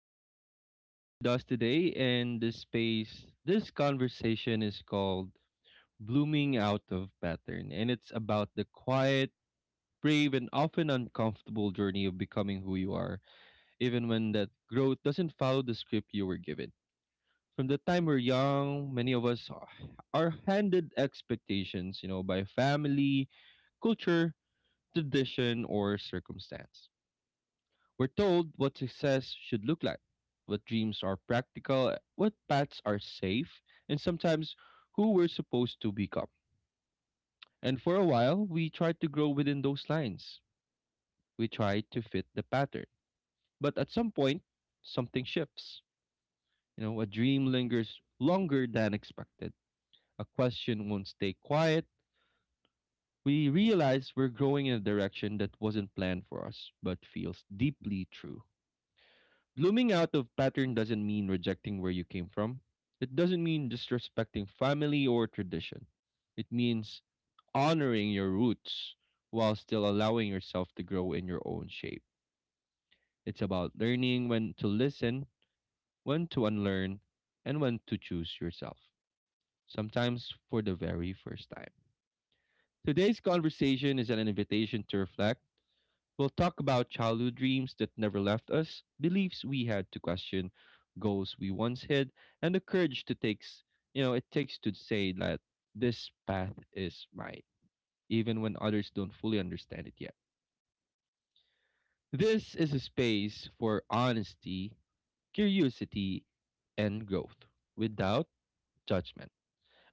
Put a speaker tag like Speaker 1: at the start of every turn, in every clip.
Speaker 1: thank you for being here with us today and this space. This conversation is called Blooming Out of Pattern, and it's about the quiet, brave and often uncomfortable journey of becoming who you are, even when that growth doesn't follow the script you were given. From the time we're young, many of us are handed expectations, you know, by family, culture, tradition or circumstance. We're told what success should look like, what dreams are practical, what paths are safe, and sometimes who we're supposed to become. And for a while, we try to grow within those lines. We try to fit the pattern. But at some point, something shifts. You know, a dream lingers longer than expected. A question won't stay quiet. We realize we're growing in a direction that wasn't planned for us, but feels deeply true. Blooming out of pattern doesn't mean rejecting where you came from. It doesn't mean disrespecting family or tradition. It means honoring your roots while still allowing yourself to grow in your own shape. It's about learning when to listen, when to unlearn, and when to choose yourself, sometimes for the very first time. Today's conversation is an invitation to reflect. We'll talk about childhood dreams that never left us, beliefs we had to question, goals we once hid, and the courage to takes, you know, it takes to say that this path is mine, even when others don't fully understand it yet. This is a space for honesty, curiosity, and growth without judgment.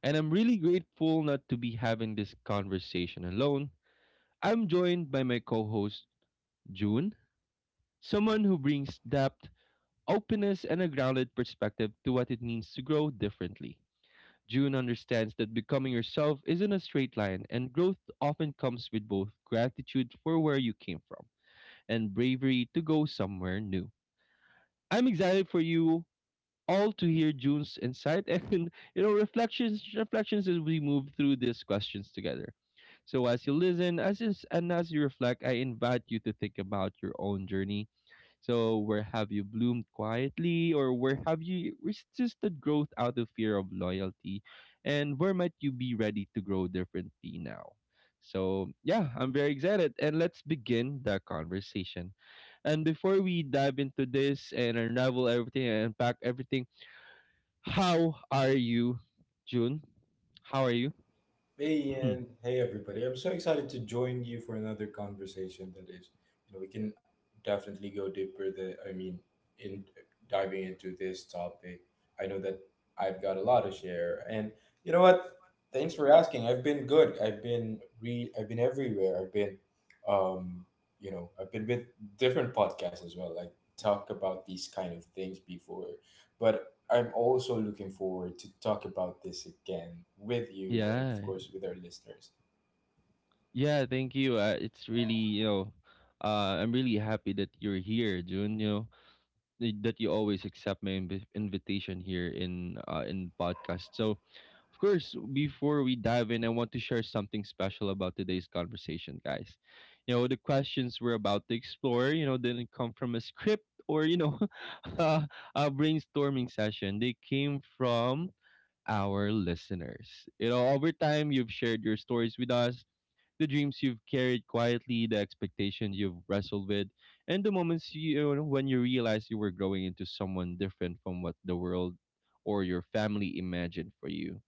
Speaker 1: And I'm really grateful not to be having this conversation alone. I'm joined by my co host, June, someone who brings depth, openness, and a grounded perspective to what it means to grow differently. June understands that becoming yourself isn't a straight line, and growth often comes with both gratitude for where you came from and bravery to go somewhere new. I'm excited for you all to hear June's insight and you know reflections as we move through these questions together. So as you listen, as is, and as you reflect, I invite you to think about your own journey. So, where have you bloomed quietly, or where have you resisted growth out of fear of loyalty? And where might you be ready to grow differently now? So, yeah, I'm very excited. And let's begin the conversation. And before we dive into this and unravel everything and unpack everything, how are you, June? How are you?
Speaker 2: Hey Ian, hey everybody. I'm so excited to join you for another conversation that is, you know, we can definitely go deeper in diving into this topic. I know that I've got a lot to share. And you know what? Thanks for asking. I've been good. I've been everywhere. I've been um, you know, I've been with different podcasts as well. Like talk about these kind of things before. But I'm also looking forward to talk about this again with you and
Speaker 1: Yeah.
Speaker 2: of course with our listeners.
Speaker 1: Yeah, thank you. It's really, you know, I'm really happy that you're here, June. You know, that you always accept my invitation here in podcast. So, of course, before we dive in, I want to share something special about today's conversation, guys. You know, the questions we're about to explore, you know, didn't come from a script or, you know, uh, a brainstorming session. They came from our listeners. You know, over time, you've shared your stories with us, the dreams you've carried quietly, the expectations you've wrestled with, and the moments you, you know, when you realized you were growing into someone different from what the world or your family imagined for you.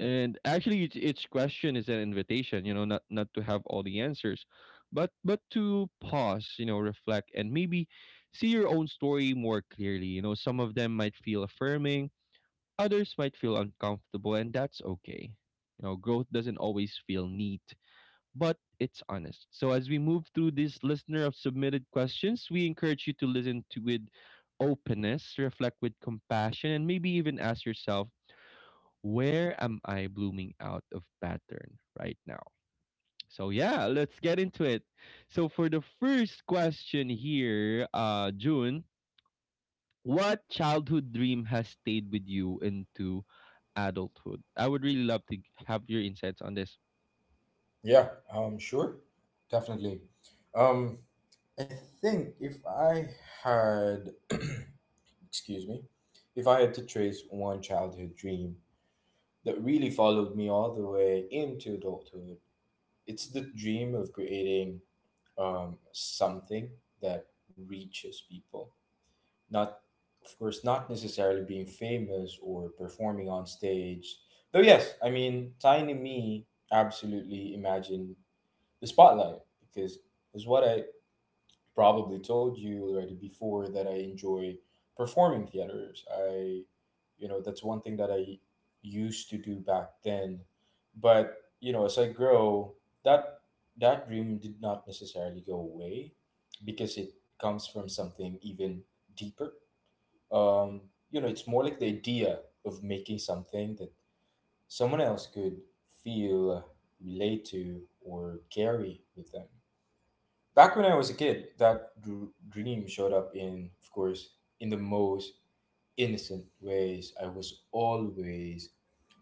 Speaker 1: And actually, each question is an invitation, you know, not to have all the answers, but to pause, you know, reflect, and maybe see your own story more clearly. You know, some of them might feel affirming, others might feel uncomfortable, and that's okay. You know, growth doesn't always feel neat, but it's honest. So as we move through this listener of submitted questions, we encourage you to listen to with openness, reflect with compassion, and maybe even ask yourself, where am I blooming out of pattern right now? So yeah, let's get into it. So for the first question here, June, what childhood dream has stayed with you into adulthood? I would really love to have your insights on this.
Speaker 2: Yeah, sure. Definitely. Um I think if I had excuse me, if I had to trace one childhood dream that really followed me all the way into adulthood, it's the dream of creating something that reaches people. Not of course not necessarily being famous or performing on stage, though yes, I mean, tiny me absolutely imagine the spotlight, because is what I probably told you already before that I enjoy performing theaters. I, you know, that's one thing that I used to do back then. But you know, as I grow, that that dream did not necessarily go away because it comes from something even deeper. um, you know, it's more like the idea of making something that someone else could feel, relate to, or carry with them. Back when I was a kid, that dream showed up in, of course, in the most innocent ways. I was always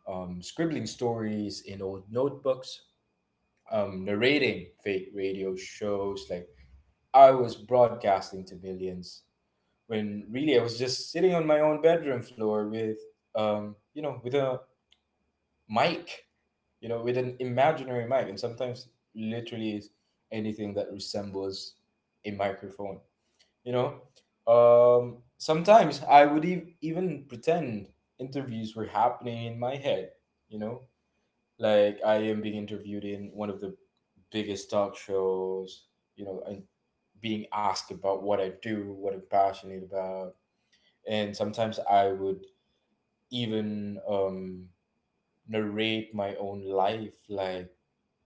Speaker 2: scribbling stories in old notebooks, narrating fake radio shows. Like I was broadcasting to millions. When really I was just sitting on my own bedroom floor with, you know, with a mic, you know, with an imaginary mic, and sometimes literally is anything that resembles a microphone, you know. Sometimes I would even pretend interviews were happening in my head, you know, like I am being interviewed in one of the biggest talk shows, you know, and being asked about what I do, what I'm passionate about. And sometimes I would even narrate my own life like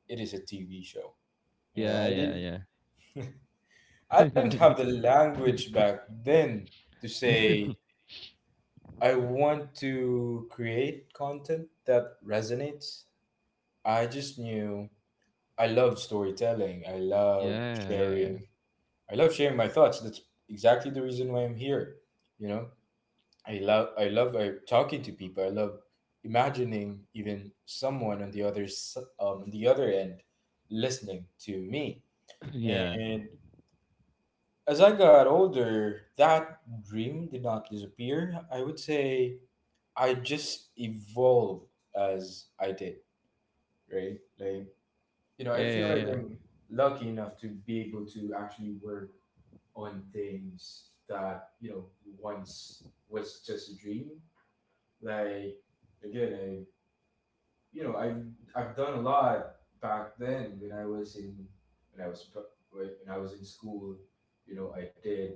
Speaker 2: it is a TV show. You know, I
Speaker 1: Yeah,
Speaker 2: didn't,
Speaker 1: yeah,
Speaker 2: I didn't have the
Speaker 1: yeah.
Speaker 2: language back then to say I want to create content that resonates. I just knew I love storytelling, i love
Speaker 1: Yeah, yeah, yeah.
Speaker 2: sharing i love sharing my thoughts. That's exactly the reason why I'm here, you know. I love talking to people. I love imagining even someone on the other on the other end listening to me.
Speaker 1: Yeah.
Speaker 2: And as I got older, that dream did not disappear. I would say I just evolved as I did, right? Like you know, I
Speaker 1: Yeah,
Speaker 2: feel
Speaker 1: yeah,
Speaker 2: like
Speaker 1: yeah.
Speaker 2: I'm lucky enough to be able to actually work on things that, you know, once was just a dream. Like again, you know, I've done a lot back then when I was in, when I was pr- when I was in school. You know, I did,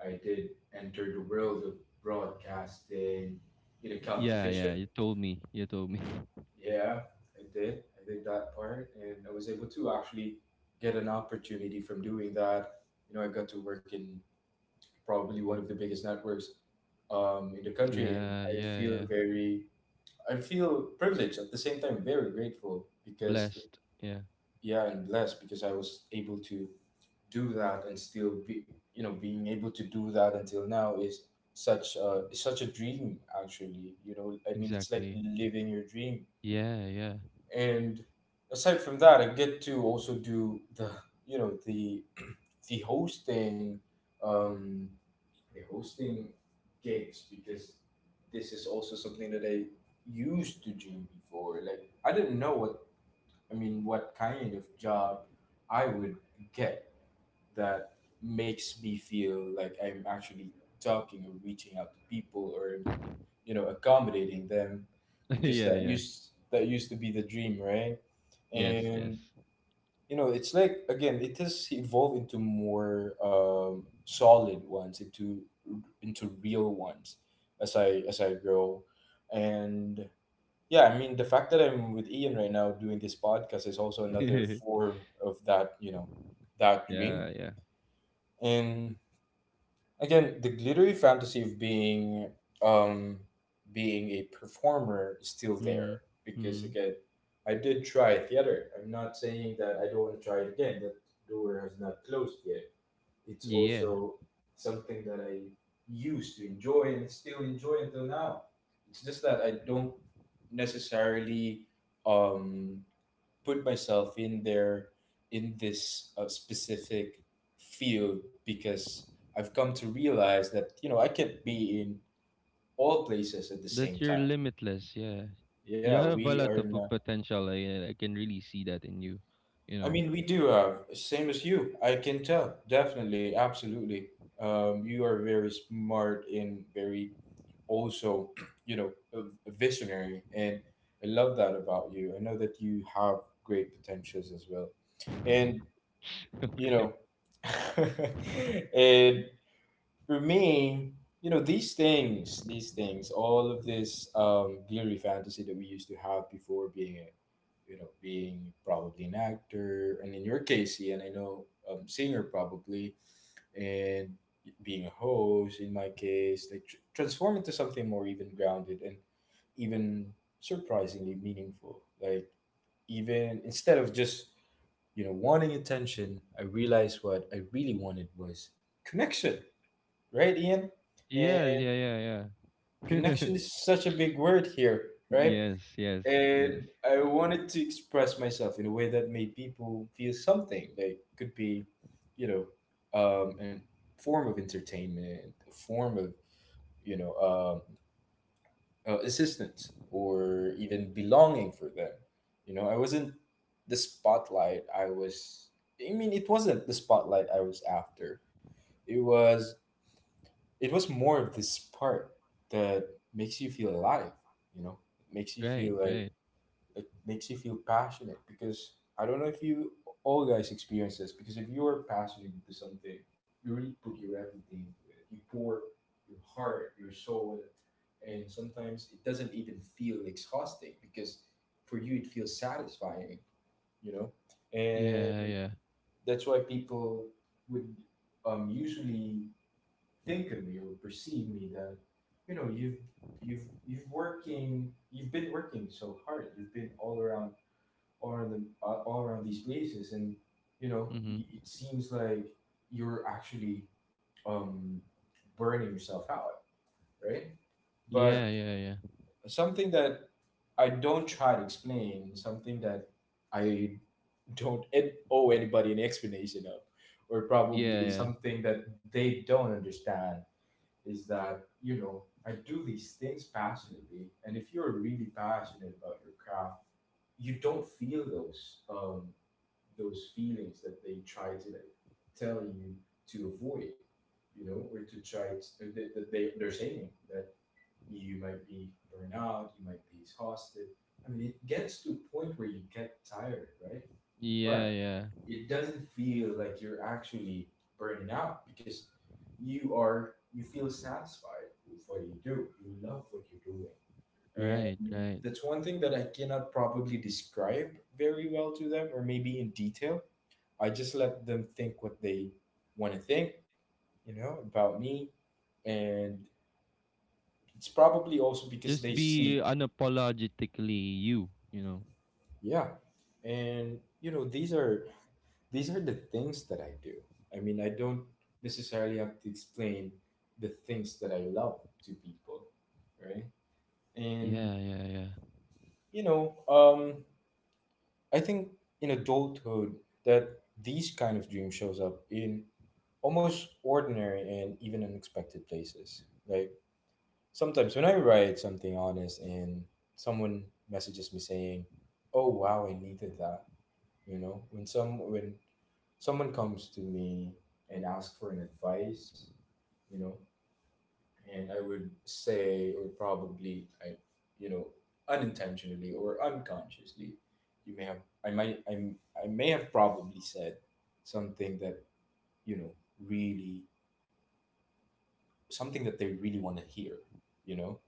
Speaker 2: I did enter the world of broadcasting in a
Speaker 1: Yeah,
Speaker 2: competition.
Speaker 1: yeah, you told me. You told me.
Speaker 2: Yeah, I did, I did that part, and I was able to actually get an opportunity from doing that. You know, I got to work in probably one of the biggest networks in the country, and
Speaker 1: Yeah,
Speaker 2: I
Speaker 1: yeah,
Speaker 2: feel
Speaker 1: yeah.
Speaker 2: very, I feel privileged at the same time, very grateful, because
Speaker 1: Blessed. Yeah,
Speaker 2: yeah, and blessed, because I was able to do that and still be, you know, being able to do that until now is such a dream actually. You know, I mean, it's like
Speaker 1: exactly.
Speaker 2: living your dream.
Speaker 1: Yeah, yeah.
Speaker 2: And aside from that, I get to also do the, you know, the hosting, um the hosting gigs, because this is also something that I used to dream before. Like I didn't know what, I mean, what kind of job I would get that makes me feel like I'm actually talking or reaching out to people or, you know, accommodating them, because
Speaker 1: Yeah, yeah.
Speaker 2: that used to be the dream, right?
Speaker 1: Yes, yes.
Speaker 2: And you know, it's like again, it has evolved into more solid ones, into real ones as I, as I grow. And yeah, I mean, the fact that I'm with Ian right now doing this podcast is also another form of that, you know, that dream.
Speaker 1: Yeah, yeah.
Speaker 2: And again, the glittery fantasy of being um being a performer is still
Speaker 1: Mm.
Speaker 2: there, because
Speaker 1: Mm.
Speaker 2: again, I did try theater. I'm not saying that I don't want to try it again. That door has not closed yet. It's
Speaker 1: Yeah.
Speaker 2: also something that I used to enjoy and still enjoy until now. It's just that I don't necessarily um, put myself in there in this specific field, because I've come to realize that, you know, I can't be in all places at the
Speaker 1: That
Speaker 2: same
Speaker 1: you're
Speaker 2: time.
Speaker 1: limitless, yeah.
Speaker 2: Yeah,
Speaker 1: You have a
Speaker 2: we are.
Speaker 1: lot
Speaker 2: In
Speaker 1: of
Speaker 2: a-
Speaker 1: potential. I can really see that in you, you
Speaker 2: I
Speaker 1: know.
Speaker 2: mean, we do have same as you. I can tell definitely, absolutely. You are very smart, in very also, you know, a visionary. And I love that about you. I know that you have great potentials as well. And, you
Speaker 1: Okay.
Speaker 2: know, and for me, you know, these things, all of this glittery fantasy that we used to have before, being a, you know, being probably an actor, and in your case, Ian, I know, singer probably, and being a host in my case, like transform into something more even grounded and even surprisingly meaningful. Like even instead of just, you know, wanting attention, I realized what I really wanted was connection, right, Ian?
Speaker 1: Yeah,
Speaker 2: And
Speaker 1: yeah, yeah, yeah.
Speaker 2: connection is such a big word here, right?
Speaker 1: Yes, yes,
Speaker 2: And
Speaker 1: yes.
Speaker 2: I wanted to express myself in a way that made people feel something. Like could be, you know, a form of entertainment, a form of, you know, assistance, or even belonging for them. You know, I wasn't the spotlight. I was, I mean, it wasn't the spotlight I was after. It was, it was more of this part that makes you feel alive. You know, makes you
Speaker 1: Right,
Speaker 2: feel like,
Speaker 1: right.
Speaker 2: it makes you feel passionate, because I don't know if you all guys experience this, because if you are passionate into something, you really put your everything into it. You pour your heart, your soul, and sometimes it doesn't even feel exhausting because for you it feels satisfying, you know. And
Speaker 1: Yeah, yeah.
Speaker 2: that's why people would usually think of me or perceive me that, you know, you've working, you've been working so hard, you've been all around, all around these places, and you know,
Speaker 1: Mm-hmm.
Speaker 2: I- it seems like you're actually um, burning yourself out, right? But
Speaker 1: Yeah, yeah, yeah.
Speaker 2: something that I don't try to explain, something that I don't owe anybody an explanation of, or
Speaker 1: Yeah,
Speaker 2: probably
Speaker 1: yeah.
Speaker 2: something that they don't understand, is that, you know, I do these things passionately, and if you're really passionate about your craft, you don't feel those feelings that they try to, like, tell you to avoid, you know, or to try to, that they, they're saying that you might be burned out, you might be exhausted. I mean, it gets to a point where you get tired, right?
Speaker 1: Yeah,
Speaker 2: But
Speaker 1: yeah.
Speaker 2: it doesn't feel like you're actually burning out, because you are, you feel satisfied with what you do. You love what you're doing.
Speaker 1: Right,
Speaker 2: And
Speaker 1: right.
Speaker 2: that's one thing that I cannot probably describe very well to them or maybe in detail. I just let them think what they want to think, you know, about me. And it's probably also because
Speaker 1: Just
Speaker 2: they
Speaker 1: be
Speaker 2: see,
Speaker 1: unapologetically you, you know.
Speaker 2: yeah. And you know, these are, these are the things that I do. I mean, I don't necessarily have to explain the things that I love to people, right? And
Speaker 1: Yeah, yeah, yeah.
Speaker 2: you know, I think in adulthood that these kind of dreams shows up in almost ordinary and even unexpected places. Like sometimes when I write something honest and someone messages me saying, "Oh wow, I needed that," you know, when someone comes to me and asks for an advice, you know, and I would say, or probably I, you know, unintentionally or unconsciously, you may have I might I may have probably said something that, you know, really something that they really want to hear, you know,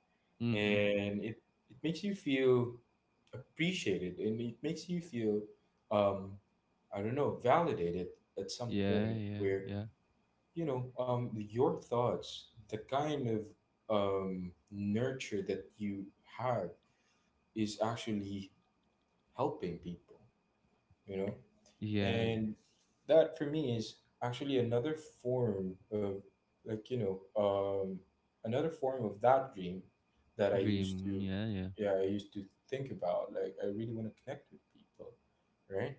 Speaker 1: Mm-hmm.
Speaker 2: and it makes you feel appreciated, and it makes you feel um I don't know, validated, at some
Speaker 1: Yeah,
Speaker 2: point
Speaker 1: yeah,
Speaker 2: where,
Speaker 1: yeah.
Speaker 2: you know, your thoughts, the kind of nurture that you have is actually helping people, you know.
Speaker 1: Yeah.
Speaker 2: And that for me is actually another form of, like, you know, another form of that dream that I used
Speaker 1: Dream.
Speaker 2: to,
Speaker 1: Yeah, yeah.
Speaker 2: yeah, I used to think about. Like I really want to connect with people, right?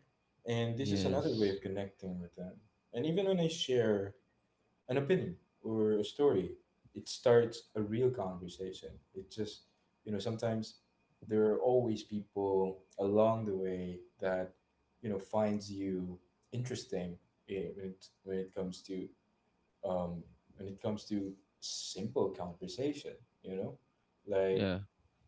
Speaker 2: And this is another way
Speaker 1: Yes.
Speaker 2: of connecting with them. And even when I share an opinion or a story, it starts a real conversation. It just, sometimes there are always people along the way that, finds you interesting when it comes to um, when it comes to simple conversation. You know, like
Speaker 1: Yeah.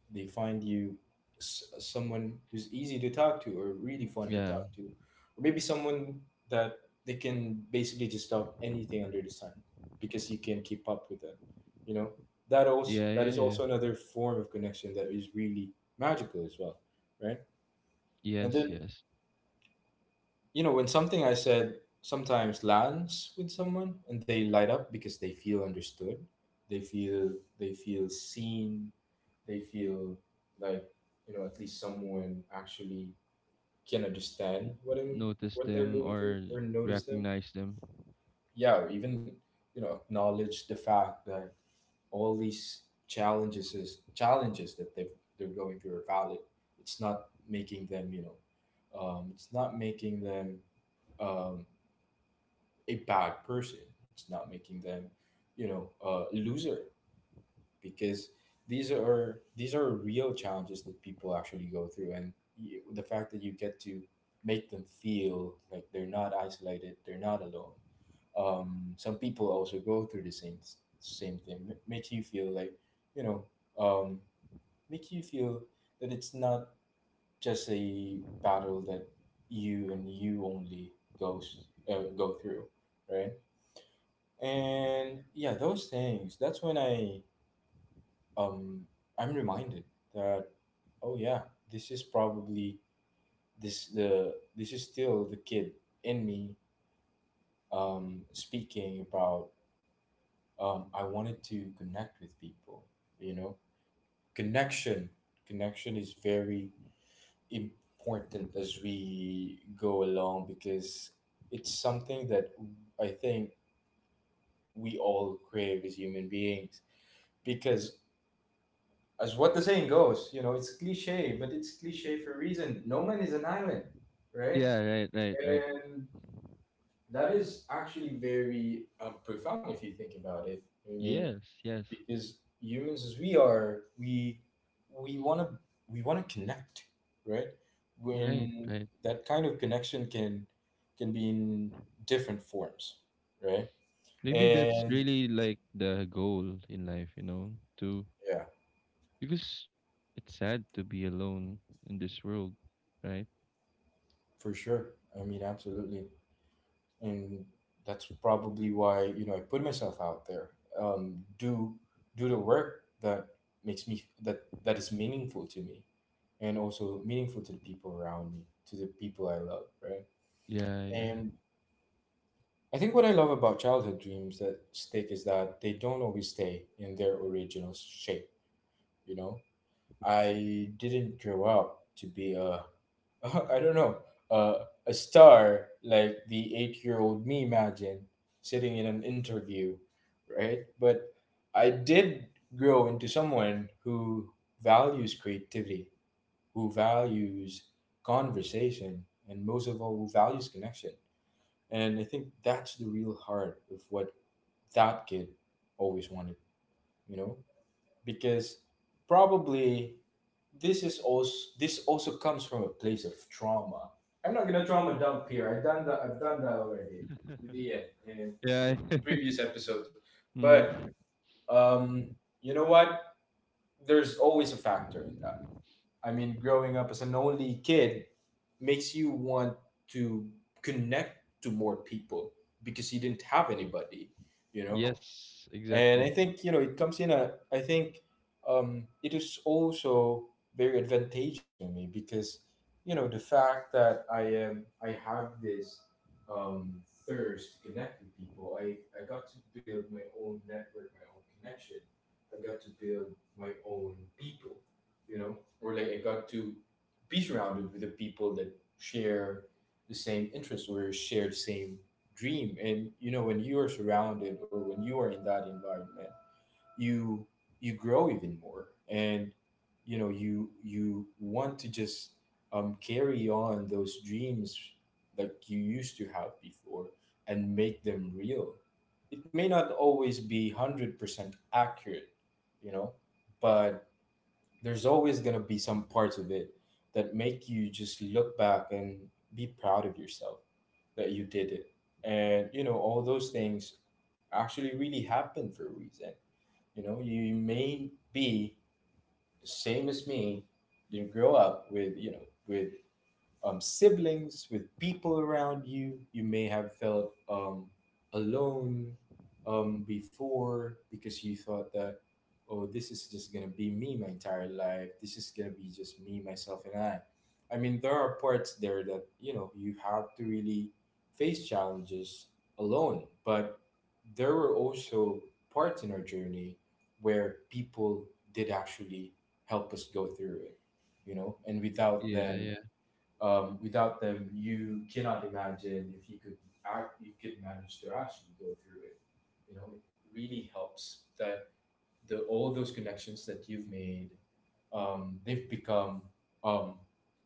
Speaker 2: they find you someone who's easy to talk to or really fun to
Speaker 1: Yeah.
Speaker 2: talk to, or maybe someone that they can basically just talk anything under the sun because you can keep up with them. You know that also
Speaker 1: Yeah,
Speaker 2: that
Speaker 1: yeah,
Speaker 2: is
Speaker 1: yeah.
Speaker 2: also another form of connection that is really magical as well, right? And
Speaker 1: Yes,
Speaker 2: then
Speaker 1: yes.
Speaker 2: when something I said sometimes lands with someone and they light up because they feel understood, they feel they feel seen, they feel like at least someone actually can understand
Speaker 1: Notice
Speaker 2: what they're
Speaker 1: them
Speaker 2: going through
Speaker 1: or
Speaker 2: or notice them.
Speaker 1: recognize them.
Speaker 2: Yeah, or even acknowledge the fact that all these challenges that they're going through are valid. It's not making them it's not making them um, a bad person. It's not making them, a loser because these are real challenges that people actually go through, and the fact that you get to make them feel like they're not isolated, they're not alone. Some people also go through the same thing. Makes you feel like, you know, um, makes you feel that it's not just a battle that you and you only goes go through, right? And yeah, those things, that's when I um I'm reminded that, oh yeah, this is probably this is still the kid in me speaking about, I wanted to connect with people, you know. Connection, connection is very important as we go along because it's something that I think we all crave as human beings, because as what the saying goes, it's cliche, but it's cliche for a reason. No man is an island, right?
Speaker 1: Yeah, right, right, right.
Speaker 2: And that is actually very profound if you think about it. I mean,
Speaker 1: Yes, yes.
Speaker 2: because humans, as we are, we wanna we wanna connect, right?
Speaker 1: Right,
Speaker 2: When
Speaker 1: right.
Speaker 2: that kind of connection can be in different forms, right?
Speaker 1: Maybe that's
Speaker 2: And
Speaker 1: really like the goal in life, you know, to...
Speaker 2: yeah,
Speaker 1: Because it's sad to be alone in this world, right?
Speaker 2: for sure. I mean, absolutely. And that's probably why I put myself out there. Um, do do the work that makes me that that is meaningful to me, and also meaningful to the people around me, to the people I love, right?
Speaker 1: Yeah,
Speaker 2: And I think what I love about childhood dreams that stick is that they don't always stay in their original shape. You know, I didn't grow up to be a I don't know. A star like the 8 year old me, imagine sitting in an interview, right? But I did grow into someone who values creativity, who values conversation, and most of all, who values connection. And I think that's the real heart of what that kid always wanted, you know? Because probably this is also this also comes from a place of trauma. I'm not gonna trauma dump here. I've done that. I've done that already
Speaker 1: yeah.
Speaker 2: with Ian in
Speaker 1: Yeah.
Speaker 2: previous episodes.
Speaker 1: Mm.
Speaker 2: But um, you know what? There's always a factor in that. I mean, growing up as an only kid makes you want to connect to more people because you didn't have anybody. You know,
Speaker 1: Yes,
Speaker 2: and I
Speaker 1: exactly.
Speaker 2: think, it comes in a, I think it is also very advantageous for me because the fact that I have this um thirst to connect with people, I I got to build my own network, my own connection. I got to build my own people, you know, or like I got to be surrounded with the people that share the same interests or share the same dream. And you know, when you are surrounded or when you are in that environment, you you grow even more, and you you want to just carry on those dreams like you used to have before and make them real. It may not always be 100% accurate, you know but there's always going to be some parts of it that make you just look back and be proud of yourself that you did it. And, you know, all those things actually really happen for a reason. You know, you may be the same as me, didn't grow up with, with siblings, with people around you. You may have felt alone before because you thought that, oh, this is just going to be me my entire life. This is going to be just me, myself, and I. I mean, there are parts there that, you have to really face challenges alone. But there were also parts in our journey where people did actually help us go through it, you know, and without
Speaker 1: Yeah,
Speaker 2: them,
Speaker 1: yeah.
Speaker 2: without them, you cannot imagine if you could you could manage to actually go through it. You know, it really helps that the all those connections that you've made, um, they've become um,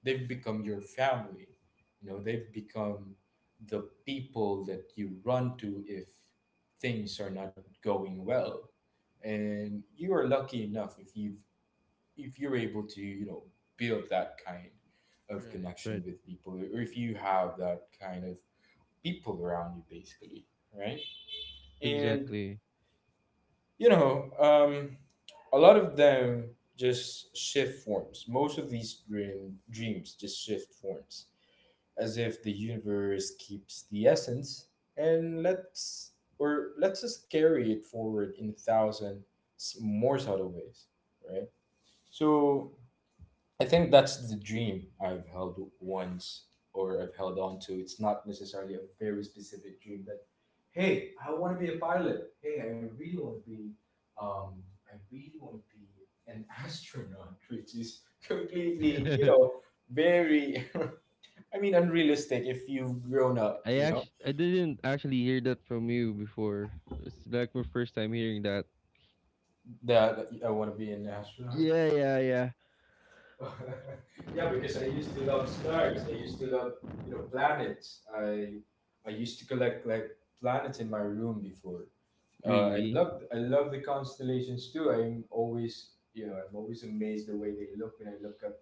Speaker 2: they've become your family. You know, they've become the people that you run to if things are not going well, and you are lucky enough if you've if you're able to, build that kind of
Speaker 1: Right.
Speaker 2: connection
Speaker 1: Right.
Speaker 2: with people, or if you have that kind of people around you basically, right? And
Speaker 1: Exactly.
Speaker 2: you know um a lot of them just shift forms. Most of these dreams just shift forms, as if the universe keeps the essence and lets or lets us carry it forward in a thousand more subtle ways, right? So I think that's the dream I've held once, or I've held on to. It's not necessarily a very specific dream that, hey, I want to be a pilot. Hey, I really want to be, um, I really want to be an astronaut, which is completely, very, I mean, unrealistic if you've grown up,
Speaker 1: I
Speaker 2: you know,
Speaker 1: actually I didn't actually hear that from you before. It's like my first time hearing that.
Speaker 2: that I want to be an astronaut.
Speaker 1: Yeah, yeah, yeah.
Speaker 2: Yeah, because I used to love stars. I used to love, you know, planets. I used to collect like planets in my room before.
Speaker 1: Really?
Speaker 2: I love the constellations too. I'm always, I'm always amazed the way they look when I look up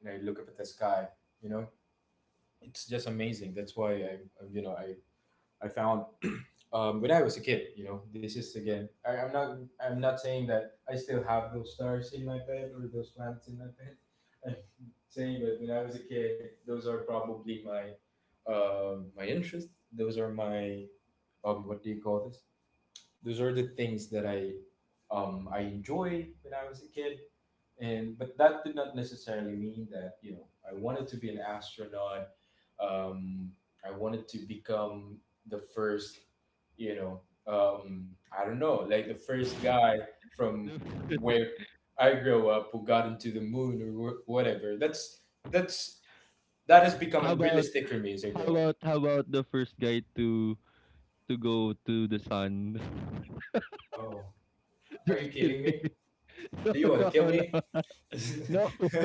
Speaker 2: at the sky. You know, it's just amazing. That's why I you know I found when I was a kid, this is again. I'm not. I'm not saying that I still have those stars in my bed or those plants in my bed. I'm saying that when I was a kid, those are probably my, my interest. Those are my, what do you call this? Those are the things that I enjoy when I was a kid. And but that did not necessarily mean that I wanted to be an astronaut, um I wanted to become the first, you know I don't know, like the first guy from
Speaker 1: No.
Speaker 2: where I grew up who got into the moon, or whatever. That's that has become
Speaker 1: How about
Speaker 2: unrealistic for me as I
Speaker 1: how
Speaker 2: grow up.
Speaker 1: about how about the first guy to go to the sun?
Speaker 2: Oh, are you
Speaker 1: Just kidding.
Speaker 2: kidding me?
Speaker 1: No,
Speaker 2: Do you want
Speaker 1: no,
Speaker 2: to kill me?
Speaker 1: no. No,
Speaker 2: no,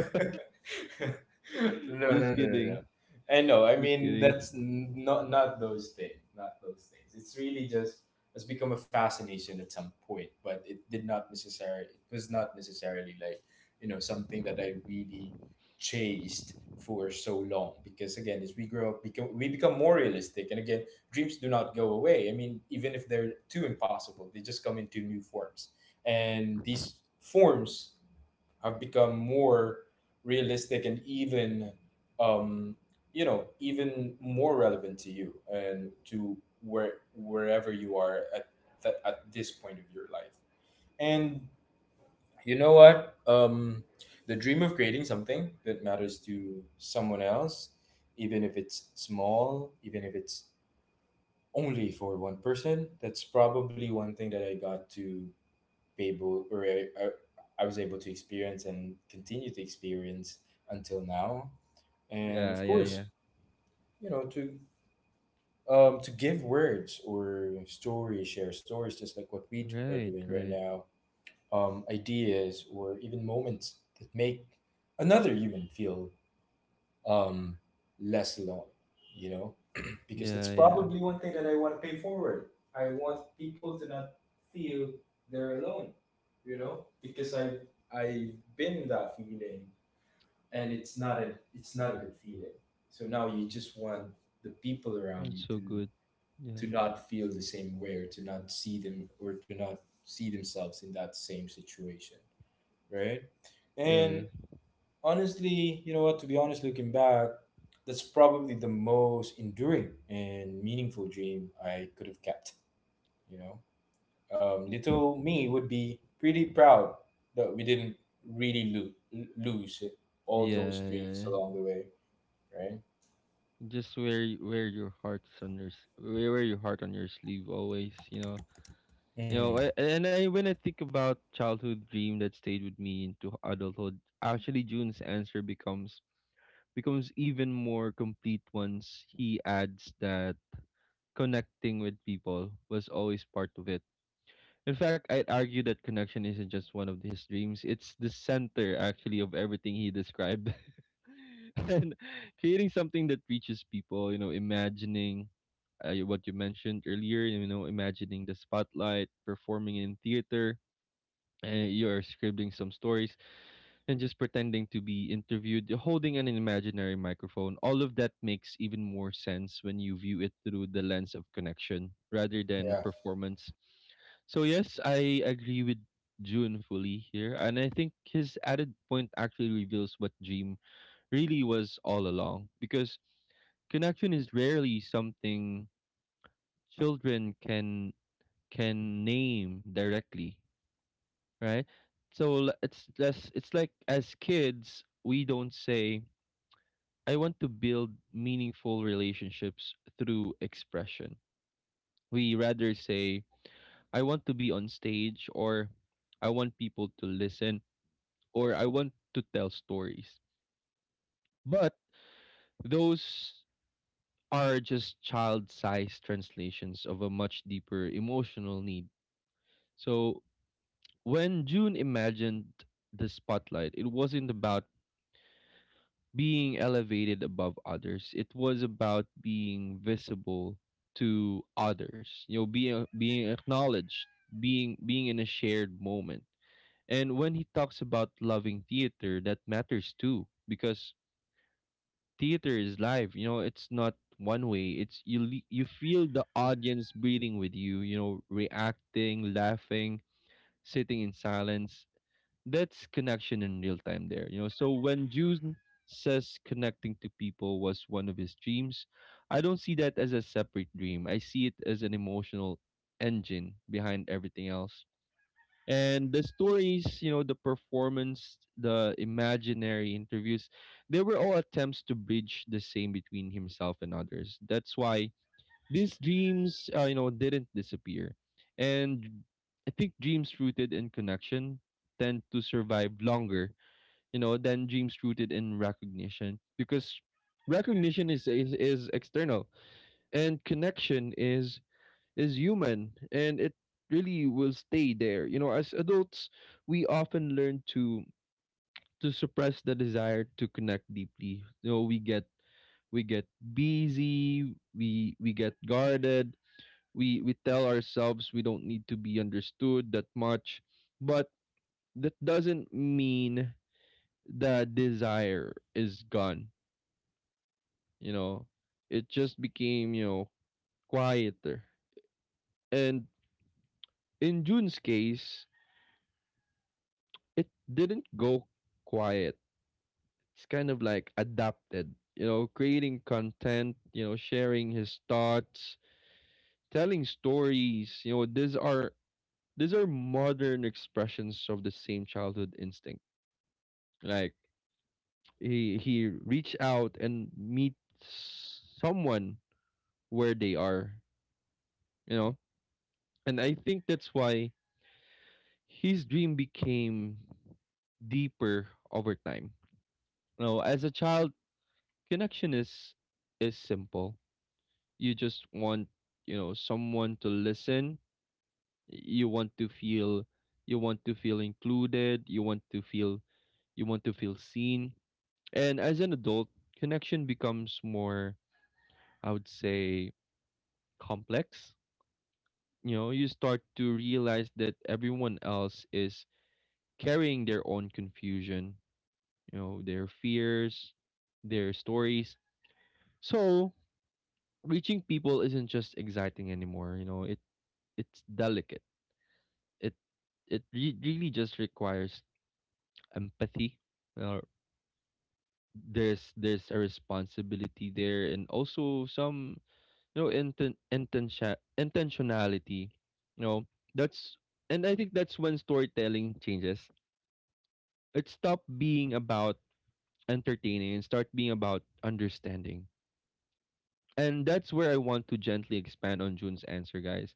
Speaker 2: no, no,
Speaker 1: just
Speaker 2: no, no.
Speaker 1: kidding,
Speaker 2: I know. I
Speaker 1: just
Speaker 2: mean,
Speaker 1: kidding.
Speaker 2: that's not, not those things. Not those things. It's really just, it's become a fascination at some point, but it did not necessarily. It was not necessarily like something that I really chased for so long. Because again, as we grow up, become we become more realistic, and again, dreams do not go away. I mean, even if they're too impossible, they just come into new forms, and these forms I've become more realistic and even, um, even more relevant to you and to where, wherever you are at at this point of your life. And you know what? The dream of creating something that matters to someone else, even if it's small, even if it's only for one person, that's probably one thing that I got to be able, or I was able to experience and continue to experience until now. And
Speaker 1: Yeah,
Speaker 2: of
Speaker 1: yeah, yeah.
Speaker 2: course, you know, to give words or stories, share stories, just like what are
Speaker 1: Right,
Speaker 2: doing right
Speaker 1: right.
Speaker 2: now, ideas or even moments that make another human feel um, less alone, you know, because that's
Speaker 1: Yeah, yeah.
Speaker 2: probably one thing that I want to pay forward. I want people to not feel they're alone, you know, because I've been in that feeling, and it's not a, it's not a good feeling. So now you just want the people around you
Speaker 1: It's so good.
Speaker 2: to
Speaker 1: Yeah,
Speaker 2: to not feel the same way, or to not see them, or to not see themselves in that same situation, right?
Speaker 1: yeah,
Speaker 2: And honestly, you know what? To be honest, looking back, that's probably the most enduring and meaningful dream I could have kept. You know, little me would be pretty proud that we didn't really lose all those
Speaker 1: yeah, yeah.
Speaker 2: dreams
Speaker 1: Yeah.
Speaker 2: along the way, right?
Speaker 1: Just wear your hearts on your s- wear your heart on your sleeve always. You know, you know.
Speaker 2: hmm
Speaker 1: I, and I when I think about childhood dream that stayed with me into adulthood, actually June's answer becomes even more complete once he adds that connecting with people was always part of it. In fact, I'd argue that connection isn't just one of his dreams, it's the center, actually, of everything he described. And creating something that reaches people, you know, imagining what you mentioned earlier, you know, imagining the spotlight, performing in theater, and you're scribbling some stories and just pretending to be interviewed, holding an imaginary microphone, all of that makes even more sense when you view it through the lens of connection rather than
Speaker 2: Yeah.
Speaker 1: performance. So, yes, I agree with June fully here. And I think his added point actually reveals what Dream really was all along, because connection is rarely something children can name directly, right? So it's like as kids, we don't say, I want to build meaningful relationships through expression. We rather say, I want to be on stage, or I want people to listen, or I want to tell stories. But those are just child-sized translations of a much deeper emotional need. So when June imagined the spotlight, it wasn't about being elevated above others. It was about being visible to others. You know, being acknowledged, being in a shared moment. And when he talks about loving theater, that matters too, because theater is live. You know, it's not one way. It's you you feel the audience breathing with you. You know, reacting, laughing, sitting in silence. That's connection in real time there, you know. So when June says connecting to people was one of his dreams, I don't see that as a separate dream. I see it as an emotional engine behind everything else. And the stories, you know, the performance, the imaginary interviews, they were all attempts to bridge the same between himself and others. That's why these dreams, you know, didn't disappear. And I think dreams rooted in connection tend to survive longer, you know, than dreams rooted in recognition, because recognition is external, and connection is human, and it really will stay there. You know, as adults, we often learn to suppress the desire to connect deeply. You know, we get busy, we get guarded, we tell ourselves we don't need to be understood that much, but that doesn't mean the desire is gone, you know, it just became, you know, quieter. And in June's case, it didn't go quiet, it's kind of like adapted. You know, creating content, you know, sharing his thoughts, telling stories, you know, these are modern expressions of the same childhood instinct. Like, he reach out and meet someone where they are, you know. And I think that's why his dream became deeper over time. You know, as a child, connection is, simple. You just want, you know, someone to listen. you want to feel you want to feel included, you want to feel seen. And as an adult, connection becomes more, I would say, complex. You know, you start to realize that everyone else is carrying their own confusion, you know, their fears, their stories. So reaching people isn't just exciting anymore, you know, it's delicate. it it really just requires empathy. uh, there's a responsibility there and also some, you know, intentionality, you know. That's and I think that's when storytelling changes. It stopped being about entertaining and start being about understanding. And that's where I want to gently expand on June's answer, guys.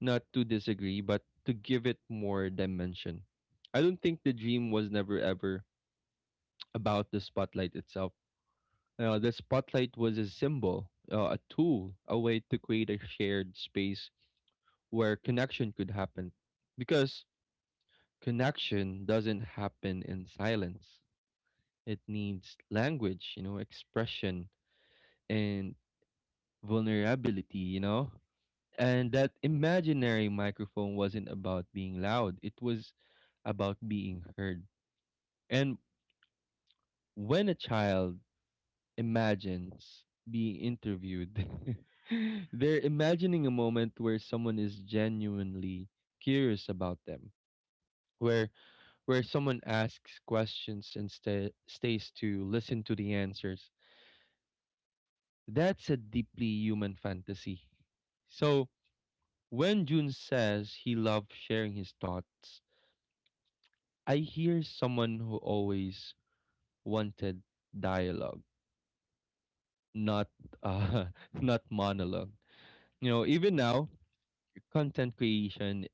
Speaker 1: Not to disagree, but to give it more dimension. I don't think the dream was never ever about the spotlight itself. The spotlight was a symbol, a tool, a way to create a shared space where connection could happen. Because connection doesn't happen in silence, it needs language, you know, expression, and vulnerability, you know? And that imaginary microphone wasn't about being loud, it was about being heard. And when a child imagines being interviewed, they're imagining a moment where someone is genuinely curious about them, where someone asks questions and stays to listen to the answers. That's a deeply human fantasy. So, when June says he loved sharing his thoughts, I hear someone who always wanted dialogue, not uh, not monologue. You know, even now, content creation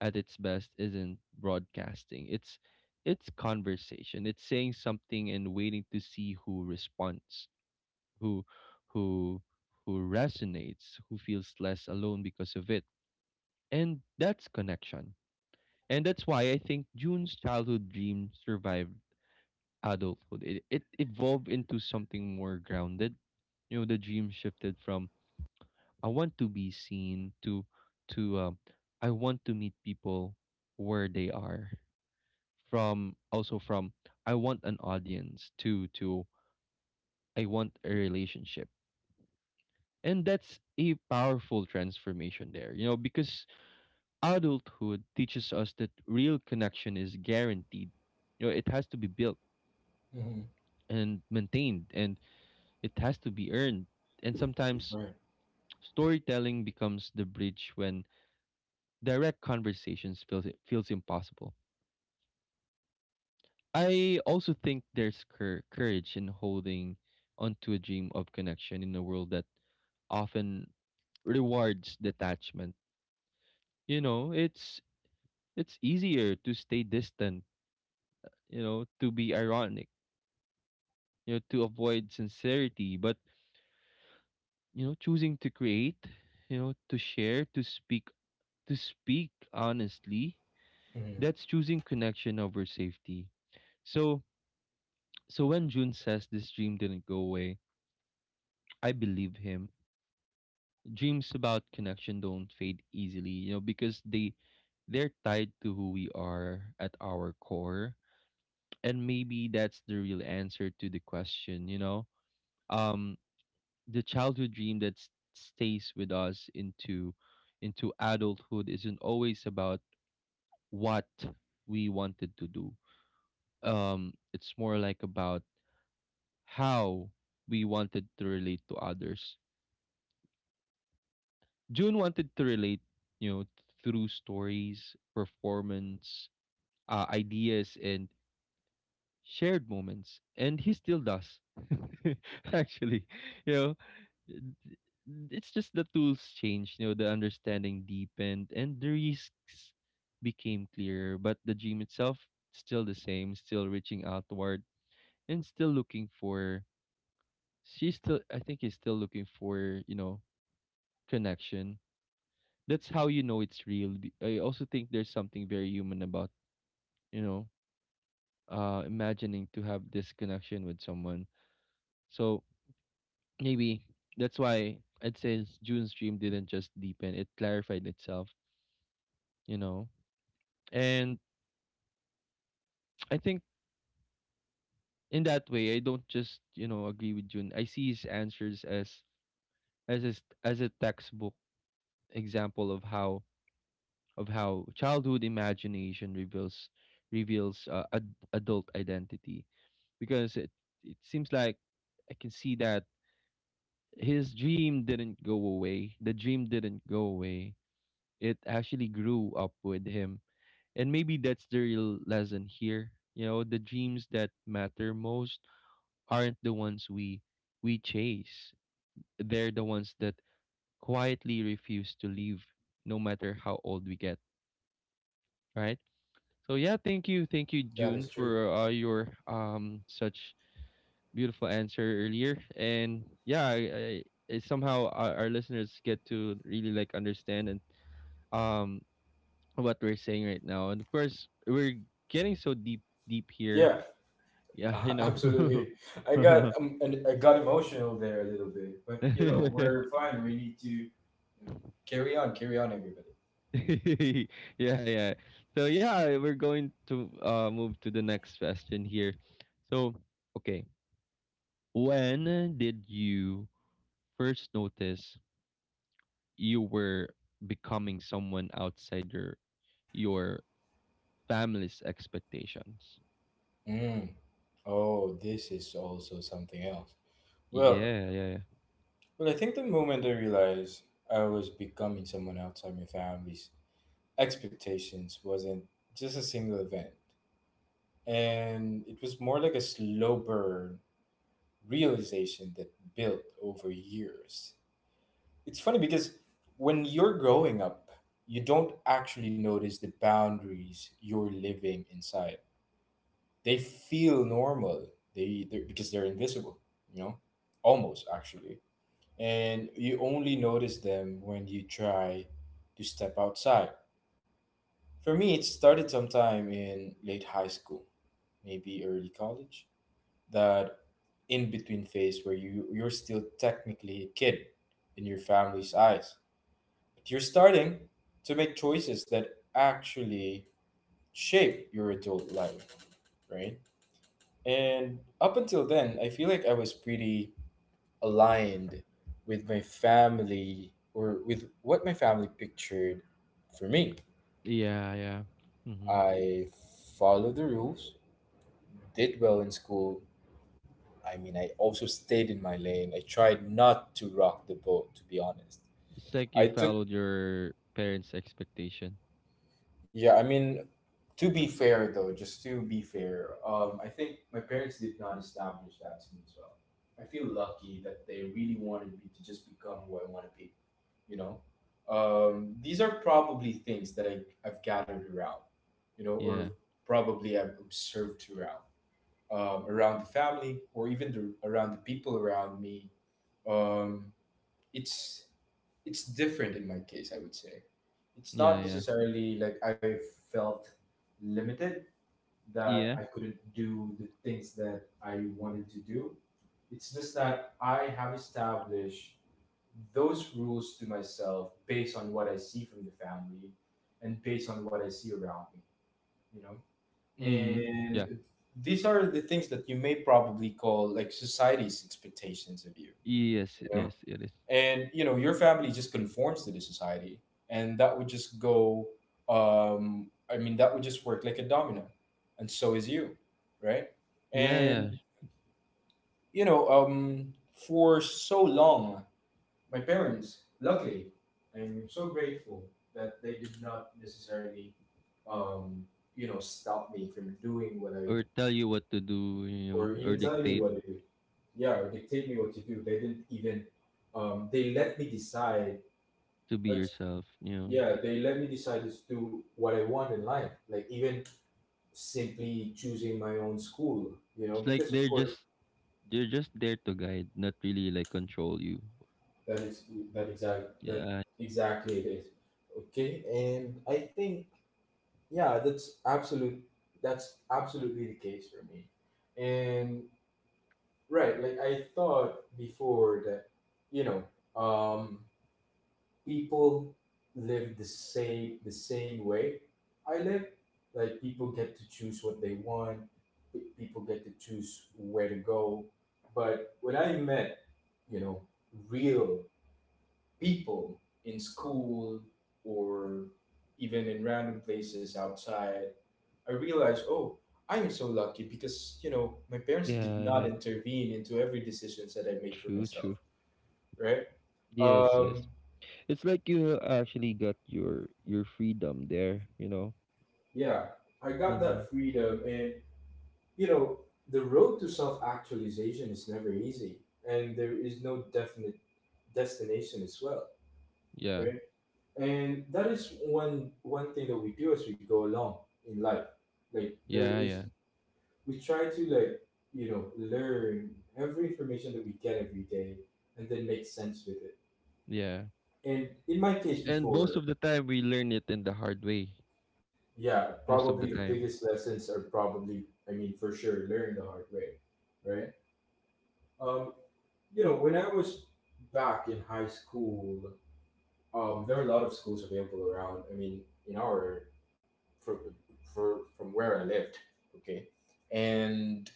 Speaker 1: at its best isn't broadcasting. It's conversation. It's saying something and waiting to see who responds, who who resonates, who feels less alone because of it. And that's connection. And that's why I think June's childhood dream survived adulthood. It evolved into something more grounded. You know, the dream shifted from I want to be seen to to um, I want to meet people where they are. From also from I want an audience to I want a relationship. And that's a powerful transformation there, you know, because adulthood teaches us that real connection is guaranteed. You know, it has to be built
Speaker 2: hmm
Speaker 1: and maintained, and it has to be earned. And sometimes
Speaker 2: Right.
Speaker 1: storytelling becomes the bridge when direct conversations feels impossible. I also think there's courage in holding onto a dream of connection in a world that often rewards detachment. You know, it's easier to stay distant, you know, to be ironic, you know, to avoid sincerity. But, you know, choosing to create, you know, to share, to speak honestly,
Speaker 2: hmm
Speaker 1: that's choosing connection over safety. So, when June says this dream didn't go away, I believe him. Dreams about connection don't fade easily, you know, because they're tied to who we are at our core. And maybe that's the real answer to the question, you know. Um the childhood dream that stays with us into adulthood isn't always about what we wanted to do. It's more like about how we wanted to relate to others. June wanted to relate, you know, through stories, performance, ideas and shared moments, and he still does actually, you know. d- it's just the tools changed, you know, the understanding deepened and the risks became clearer, but the dream itself still the same, still reaching outward and still looking for, she's still, I think, is still looking for, you know, connection. That's how you know it's real. I also think there's something very human about, you know, imagining to have this connection with someone. So maybe that's why I'd say, June's dream didn't just deepen, it clarified itself, you know. And I think in that way, I don't just, you know, agree with June, I see his answers as as a textbook example of how childhood imagination reveals adult identity. Because it seems like I can see that his dream didn't go away. The dream didn't go away. It actually grew up with him. And maybe that's the real lesson here. You know, the dreams that matter most aren't the ones we chase. They're the ones that quietly refuse to leave no matter how old we get, right? So yeah, thank you,
Speaker 2: That
Speaker 1: June,
Speaker 2: is true.
Speaker 1: for your such beautiful answer earlier. And yeah, I somehow our, listeners get to really like understand and um what we're saying right now. And of course, we're getting so deep, here.
Speaker 2: Yeah,
Speaker 1: Yeah, you know.
Speaker 2: absolutely. I got and I got emotional there a little bit, but you know we're fine. We need to know, carry on, carry on, everybody.
Speaker 1: Yeah, yeah. So yeah, we're going to move to the next question here. So, okay, when did you first notice you were becoming someone outside your your family's expectations?
Speaker 2: Mm. Oh, this is also something else. Well,
Speaker 1: Yeah, yeah, yeah,
Speaker 2: well, I think the moment I realized I was becoming someone outside my family's expectations wasn't just a single event, and it was more like a slow burn realization that built over years. It's funny because when you're growing up, you don't actually notice the boundaries you're living inside. They feel normal. Because they're invisible, you know, almost actually. And you only notice them when you try to step outside. For me, it started sometime in late high school, maybe early college. That in between phase where you're still technically a kid in your family's eyes, but you're starting to make choices that actually shape your adult life, right? And up until then, I feel like I was pretty aligned with my family, or with what my family pictured for me.
Speaker 1: yeah. Mm-hmm.
Speaker 2: I followed the rules, did well in school. I mean, I also stayed in my lane. I tried not to rock the boat, to be honest.
Speaker 1: It's like you
Speaker 2: I took.
Speaker 1: followed your parents' expectation.
Speaker 2: Yeah, I mean, to be fair though, just to be fair, I think my parents did not establish that to me as well. I feel lucky that they really wanted me to just become who I want to be. You know, these are probably I've gathered around, you know, or
Speaker 1: Yeah,
Speaker 2: probably I've observed around, around the family, or even the, around the people around me. Um, it's it's different in my case, I would say. It's
Speaker 1: yeah,
Speaker 2: not
Speaker 1: yeah,
Speaker 2: necessarily like I felt limited, that
Speaker 1: yeah.
Speaker 2: I couldn't do the things that I wanted to do. It's just that I have established those rules to myself based on what I see from the family and based on what I see around me, you know.
Speaker 1: Mm-hmm. Yeah.
Speaker 2: And these are the things that you may probably call like society's expectations of you,
Speaker 1: Yes,
Speaker 2: you know.
Speaker 1: yes, it is.
Speaker 2: And you know your family just conforms to the society, and that would just go, I mean, that would just work like a domino, and so is you, right?
Speaker 1: Yeah, yeah.
Speaker 2: And you know, for so long my parents, luckily, I'm so grateful that they did not necessarily, um you know, stop me from doing what I,
Speaker 1: Or tell you what to do, you know,
Speaker 2: or
Speaker 1: or
Speaker 2: even telling me
Speaker 1: dictate
Speaker 2: what to do. Yeah, or dictate me what to do. They didn't even, they let me decide,
Speaker 1: to be
Speaker 2: uh,
Speaker 1: yourself. You know,
Speaker 2: yeah, they let me decide to do what I want in life. Like even simply choosing my own school, you know,
Speaker 1: it's like
Speaker 2: because of
Speaker 1: they're
Speaker 2: course,
Speaker 1: just they're just there to guide, not really like control you.
Speaker 2: that is that
Speaker 1: Yeah,
Speaker 2: exactly it is. Okay, and I think, yeah, that's absolute, that's absolutely the case for me. And right, like I thought before that, you know, um people live the same way I live. Like people get to choose what they want. People get to choose where to go. But when I met, you know, real people in school, or even in random places outside, I realized, oh, I am so lucky, because you know my parents did
Speaker 1: yeah,
Speaker 2: not
Speaker 1: yeah.
Speaker 2: intervene into every decisions that I make for
Speaker 1: True,
Speaker 2: myself,
Speaker 1: true.
Speaker 2: right?
Speaker 1: Yes, yes.
Speaker 2: Um,
Speaker 1: It's like you actually got your freedom there, you know.
Speaker 2: yeah, I got
Speaker 1: Mm-hmm.
Speaker 2: that freedom. And, you know, the road to self actualization is never easy. And there is no definite destination as well,
Speaker 1: Yeah,
Speaker 2: right? And that is one thing that we do as we go along in life. Like there
Speaker 1: yeah,
Speaker 2: is, we try to like, you know, learn every information that we get every day, and then make sense with it.
Speaker 1: yeah.
Speaker 2: And in my case,
Speaker 1: And most of
Speaker 2: before,
Speaker 1: the time, we learn it in the hard way.
Speaker 2: yeah,
Speaker 1: Most of
Speaker 2: probably
Speaker 1: the
Speaker 2: the
Speaker 1: time.
Speaker 2: biggest lessons are probably, I mean, for sure, learn the hard way, right? Um, you know, when I was back in high school, there are a lot of schools available around. I mean, in our from, for, from where I lived, okay, and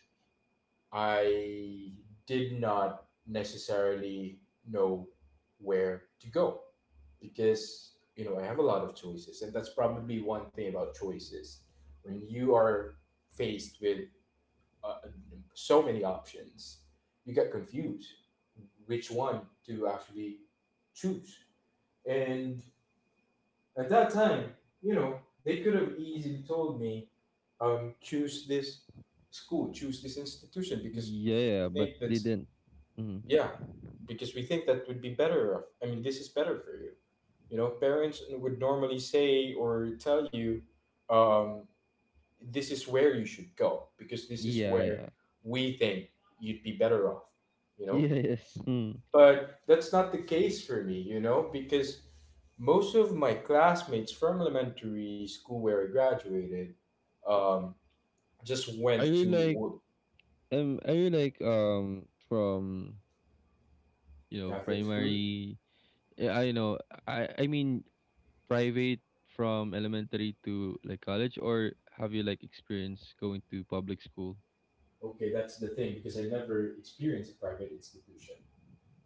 Speaker 2: I did not necessarily know where to go, because you know I have a lot of choices, and that's probably one thing about choices. When you are faced with uh, so many options, you get confused which one to actually choose. And at that time, you know, they could have easily told me, choose this school, choose this institution, because
Speaker 1: Yeah,
Speaker 2: we
Speaker 1: but
Speaker 2: think that,
Speaker 1: they didn't. Mm.
Speaker 2: yeah, because we think that would be better. Off. I mean, this is better for you. You know, parents would normally say or tell you, um, this is where you should go because this is
Speaker 1: Yeah,
Speaker 2: where
Speaker 1: yeah.
Speaker 2: we think you'd be better off, you know.
Speaker 1: Yes. Mm.
Speaker 2: But that's not the case for me, you know, because most of my classmates from elementary school where I graduated, um, just
Speaker 1: I
Speaker 2: went
Speaker 1: really
Speaker 2: to
Speaker 1: like I really like from you know,
Speaker 2: Catholic school.
Speaker 1: primary. Yeah, I know. I mean, private from elementary to like college, or have you like experienced going to public school?
Speaker 2: Okay, that's the thing, because I never experienced a private institution.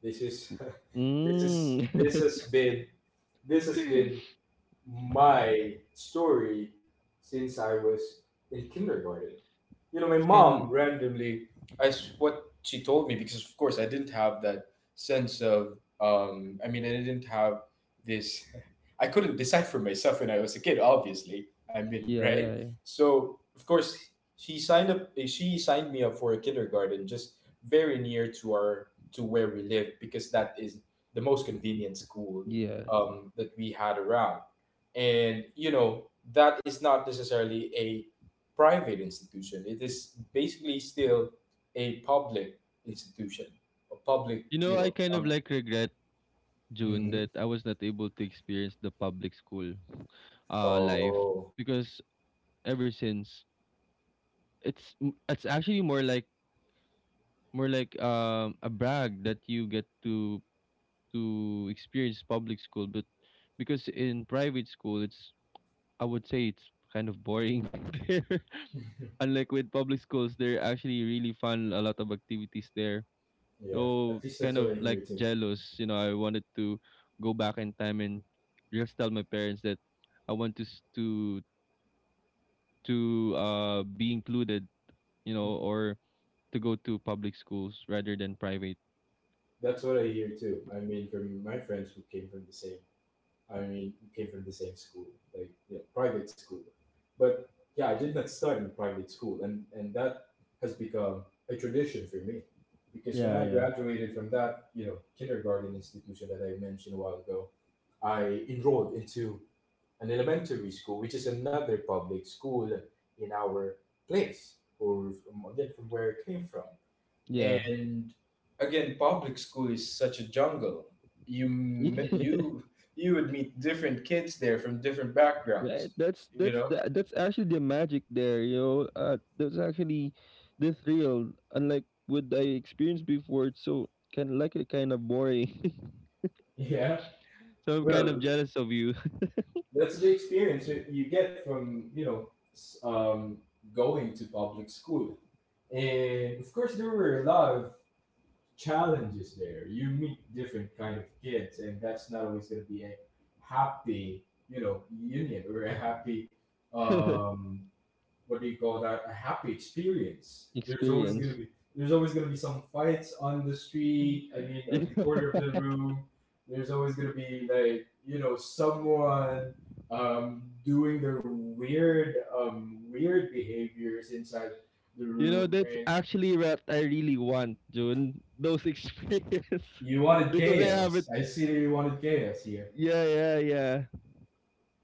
Speaker 2: This is this is
Speaker 1: Mm.
Speaker 2: this has been this has been my story since I was in kindergarten. You know, my
Speaker 1: It's kind of
Speaker 2: mom randomly, as what she told me, because of course I didn't have that sense of, I mean, I didn't have this, I couldn't decide for myself when I was a kid, obviously. I mean,
Speaker 1: yeah, yeah,
Speaker 2: right?
Speaker 1: yeah.
Speaker 2: So, of course, she signed up, eh, she signed me up for a kindergarten just very near to our, to where we lived, because that is the most convenient school
Speaker 1: Yeah.
Speaker 2: that we had around. And, you know, that is not necessarily private institution. It is basically still a public institution, a public,
Speaker 1: You know,
Speaker 2: you
Speaker 1: I
Speaker 2: know.
Speaker 1: kind of like regret, June,
Speaker 2: Hmm
Speaker 1: that I was not able to experience the public school life.
Speaker 2: oh,
Speaker 1: Because ever since, it's actually more like a brag that you get to experience public school. But because in private school, it's I would say it's kind of boring there. Unlike with public schools, they're actually really fun, a lot of activities there.
Speaker 2: yeah, at
Speaker 1: So
Speaker 2: least that's
Speaker 1: kind
Speaker 2: what I
Speaker 1: of like
Speaker 2: hear too.
Speaker 1: jealous, you know, I wanted to go back in time and just tell my parents that I want to to be included, you know,
Speaker 2: Mhm.
Speaker 1: or to go to public schools rather than private.
Speaker 2: That's what I hear too. I mean, from my friends who came from the same, I mean, who came from the same school, like yeah, private school. But yeah, I did not start in private school, and that has become a tradition for me, because when I
Speaker 1: Yeah,
Speaker 2: graduated from that, you know, kindergarten institution that I mentioned a while ago, I enrolled into an elementary school, which is another public school in our place, or from, again from where I came from.
Speaker 1: yeah.
Speaker 2: And again, public school is such a jungle. You m-
Speaker 1: Yeah.
Speaker 2: you you would meet different kids there from different
Speaker 1: Yeah,
Speaker 2: backgrounds. You
Speaker 1: that's
Speaker 2: know.
Speaker 1: the, that's actually the magic there, you know. That's actually the thrill. Unlike what I experienced before, it's so kind of like a kind of boring.
Speaker 2: Yeah.
Speaker 1: So I'm kind of
Speaker 2: Well,
Speaker 1: jealous of you.
Speaker 2: that's the experience that you get from, you know, going to public school. And of course, there were a lot of challenges there. You meet different kind of kids, and that's not always going to be a happy, you know, union or a happy, um, what do you call that? A happy experience.
Speaker 1: Experience.
Speaker 2: There's always going to be some fights on the street. I mean,
Speaker 1: You
Speaker 2: at the
Speaker 1: know,
Speaker 2: corner of the room, there's always going to be like, you know, someone doing their weird weird behaviors inside the
Speaker 1: you know
Speaker 2: room,
Speaker 1: that's
Speaker 2: and
Speaker 1: actually what I really want, June. Those experience
Speaker 2: you wanted
Speaker 1: because I haven't.
Speaker 2: chaos. I see that you wanted chaos here.
Speaker 1: Yeah, yeah, yeah.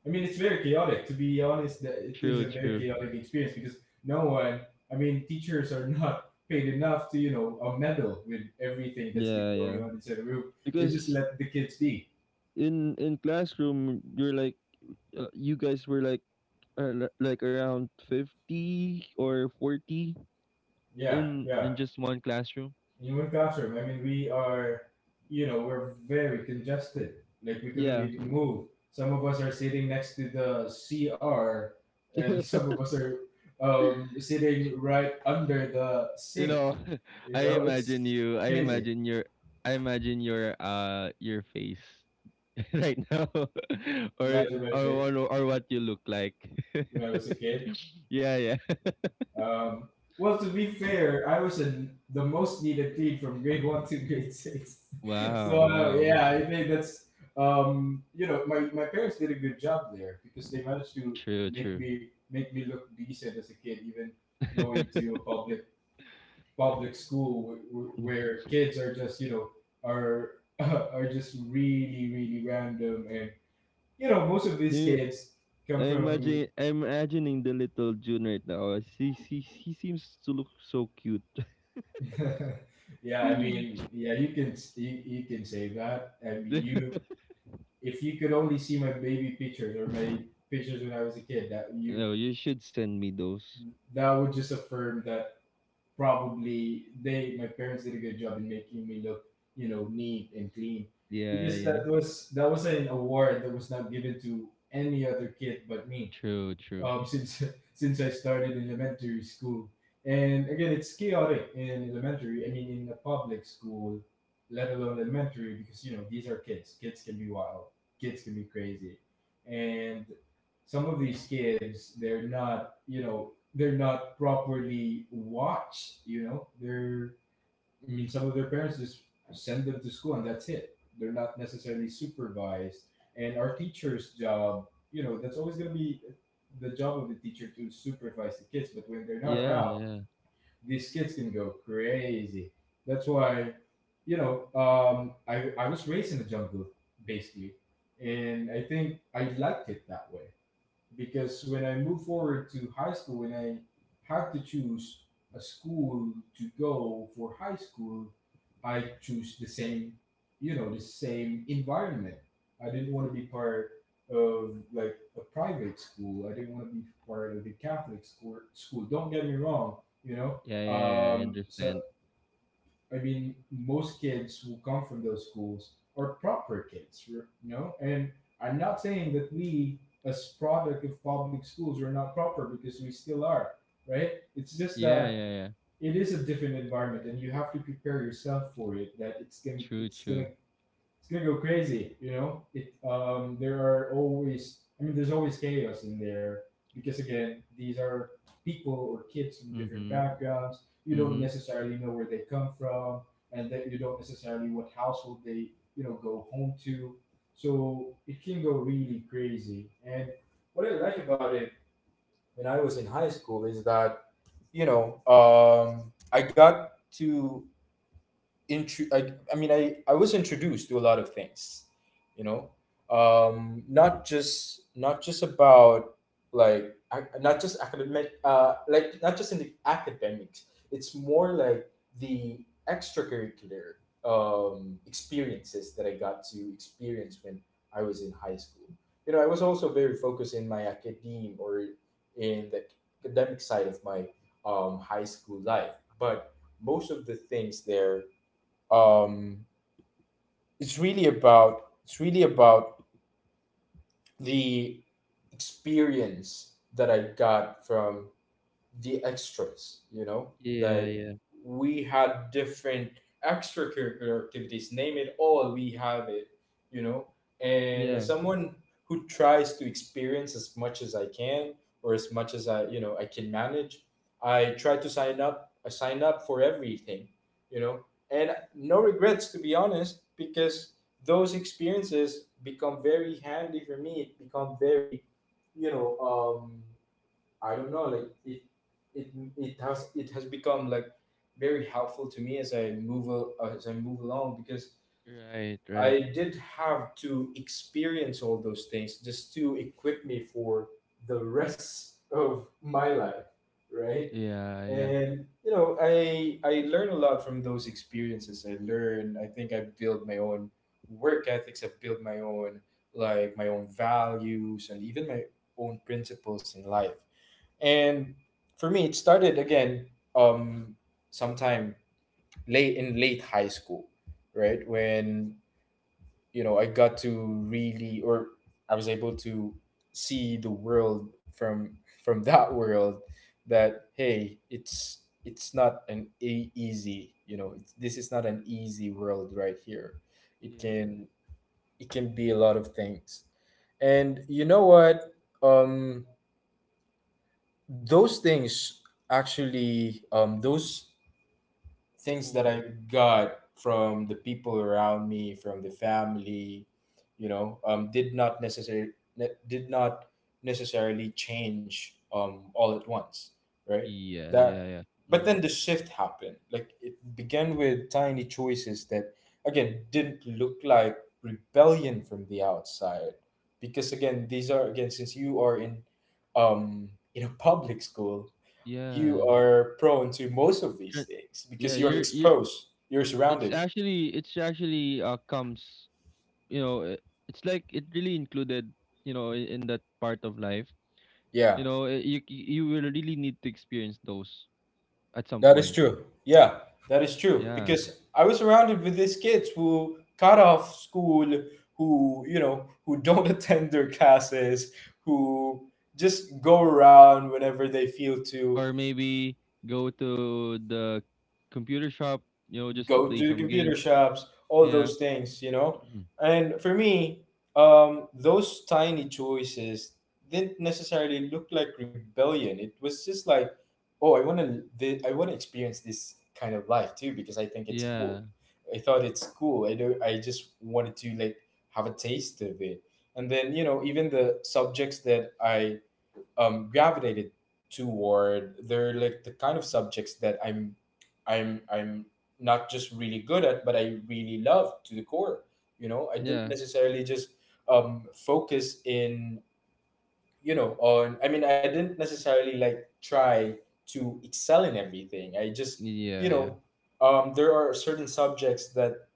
Speaker 2: I mean, it's very chaotic, to be honest. That It is a
Speaker 1: True,
Speaker 2: very
Speaker 1: true.
Speaker 2: chaotic experience, because no one, I mean, teachers are not paid enough to, you know, meddle with everything that's been
Speaker 1: Yeah, yeah.
Speaker 2: going on inside the room. They just
Speaker 1: Because
Speaker 2: let the kids be.
Speaker 1: in classroom, you're like you guys were like like around 50 or 40
Speaker 2: Yeah,
Speaker 1: in
Speaker 2: yeah.
Speaker 1: just one classroom.
Speaker 2: Human classroom. I mean, we are, you know, we're very congested. Like we couldn't
Speaker 1: Yeah.
Speaker 2: even move. Some of us are sitting next to the CR, and some of us are sitting right under the
Speaker 1: You
Speaker 2: sink.
Speaker 1: know,
Speaker 2: You
Speaker 1: I
Speaker 2: know,
Speaker 1: imagine
Speaker 2: it's
Speaker 1: you. I
Speaker 2: crazy.
Speaker 1: imagine your. I imagine your face right now, or
Speaker 2: Imagine my
Speaker 1: or what
Speaker 2: face
Speaker 1: or what you look like.
Speaker 2: when I was a kid.
Speaker 1: Yeah, yeah.
Speaker 2: Um, well, to be fair, I was in the most needed kid from grade one to grade six. So
Speaker 1: Wow, wow.
Speaker 2: yeah, I think that's, you know, my parents did a good job there because they managed to
Speaker 1: True, true.
Speaker 2: make me look decent as a kid, even going to a public school
Speaker 1: Mm.
Speaker 2: where kids are just, you know, are are just really random, and you know most of these
Speaker 1: You-
Speaker 2: kids
Speaker 1: I
Speaker 2: come from,
Speaker 1: imagine I'm imagining the little June right now. She seems to look so cute.
Speaker 2: yeah, I mean, yeah, you can you can say that. I mean, you, if you could only see my baby pictures or my pictures when I was a kid,
Speaker 1: No, you should send me those.
Speaker 2: that would just affirm that probably they my parents did a good job in making me look, you know, neat and clean.
Speaker 1: Yeah,
Speaker 2: Because
Speaker 1: yeah.
Speaker 2: that was an award that was not given to any other kid but me,
Speaker 1: True, true.
Speaker 2: since since I started in elementary school. And again, it's chaotic in elementary. I mean, in a public school, let alone elementary, because you know these are kids. Kids can be wild. Kids can be crazy, and some of these kids, they're not. You know, they're not properly watched. You know, they're, I mean, some of their parents just send them to school and that's it. They're not necessarily supervised. And our teacher's job, you know, that's always going to be the job of the teacher to supervise the kids. But when they're not
Speaker 1: Yeah,
Speaker 2: around,
Speaker 1: yeah.
Speaker 2: these kids can go crazy. That's why, you know, I was raised in the jungle, basically. And I think I liked it that way because when I moved forward to high school, when I had to choose a school to go for high school, I choose the same, you know, the same environment. I didn't want to be part of like a private school. I didn't want to be part of the Catholic school. School. Don't get me wrong, you know.
Speaker 1: Yeah, yeah, yeah. I
Speaker 2: So
Speaker 1: understand.
Speaker 2: I mean, most kids who come from those schools are proper kids, you know? And I'm not saying that we, as product of public schools, are not proper because we still are, right? It's just
Speaker 1: Yeah,
Speaker 2: that
Speaker 1: yeah, yeah.
Speaker 2: it is a different environment, and you have to prepare yourself for it. That it's gonna
Speaker 1: True,
Speaker 2: it's gonna
Speaker 1: true.
Speaker 2: it's gonna go crazy. You know, it there are always, I mean, there's always chaos in there because again, these are people or kids from different
Speaker 1: Mm-hmm.
Speaker 2: backgrounds. You don't
Speaker 1: Mm-hmm.
Speaker 2: necessarily know where they come from, and that you don't necessarily what household they you know go home to. So it can go really crazy. And what I like about it when I was in high school is that I got to I was introduced to a lot of things you know not just about not just academic like not just in the academics. It's more like the extracurricular experiences that I got to experience when I was in high school. You know, I was also very focused in my academe or in the academic side of my high school life, but most of the things there um it's really about the experience that I got from the extras, you know?
Speaker 1: Yeah,
Speaker 2: Like
Speaker 1: yeah.
Speaker 2: we had different extracurricular activities, name it all, we have it, you know? And as
Speaker 1: Yeah.
Speaker 2: someone who tries to experience as much as I can or as much as I, you know, I can manage, I sign up for everything, you know? And no regrets to be honest because those experiences become very handy for me. It become very, you know, um, I don't know, it, it has it has become like very helpful to me as I as I move along because
Speaker 1: Right, right.
Speaker 2: I did have to experience all those things just to equip me for the rest of my life, right?
Speaker 1: Yeah, yeah.
Speaker 2: And you know, I learn a lot from those experiences. I learn. I think I build my own work ethics. I've built my own like my own values and even my own principles in life. And for me, it started again, um, sometime late high school, right? When you know I got to really, or I was able to see the world from that world that hey, it's not an easy, you know, it's, this is not an easy world right here. It
Speaker 1: Yeah.
Speaker 2: can it can be a lot of things, and you know what? Um, those things actually those things that
Speaker 1: Mold.
Speaker 2: I got from the people around me from the family you know did not necessarily did not change all at once, right?
Speaker 1: Yeah, yeah,
Speaker 2: That
Speaker 1: yeah.
Speaker 2: but
Speaker 1: Mm-hmm.
Speaker 2: then the shift happened like it began with tiny choices that again didn't look like rebellion from the outside because again since you are um in a public school you
Speaker 1: Yeah.
Speaker 2: are prone to most of these
Speaker 1: Tr-
Speaker 2: things
Speaker 1: yeah,
Speaker 2: because you're
Speaker 1: you
Speaker 2: exposed, you're
Speaker 1: it's
Speaker 2: surrounded.
Speaker 1: actually comes, you know, it's like it really included, you know, in, that part of life.
Speaker 2: Yeah,
Speaker 1: You know, eh, you will really need to experience those at some
Speaker 2: that is
Speaker 1: point.
Speaker 2: true. Yeah, that is true.
Speaker 1: Yeah.
Speaker 2: Because I was surrounded with these kids who cut off school, who, you know, who don't attend their classes, who just go around whenever they feel to,
Speaker 1: Or maybe go to the computer shop, you know, just to
Speaker 2: go
Speaker 1: play
Speaker 2: to the
Speaker 1: some
Speaker 2: computer
Speaker 1: games.
Speaker 2: shops, all
Speaker 1: Yeah.
Speaker 2: those things, you know? And for me, those tiny choices didn't necessarily look like rebellion. It was just like, oh, I want to experience this kind of life too because I think it's cool.
Speaker 1: Yeah.
Speaker 2: I thought it's cool. I do. I just wanted to like have a taste of it. And then you know, even the subjects that I gravitated toward. They're like the kind of subjects that I'm not just really good at, but I really love to the core. You know, I didn't
Speaker 1: Yeah.
Speaker 2: necessarily just focus in. You know, on. I mean, I didn't necessarily like try to excel in everything. I just, you
Speaker 1: Yeah, yeah.
Speaker 2: know, there are certain subjects that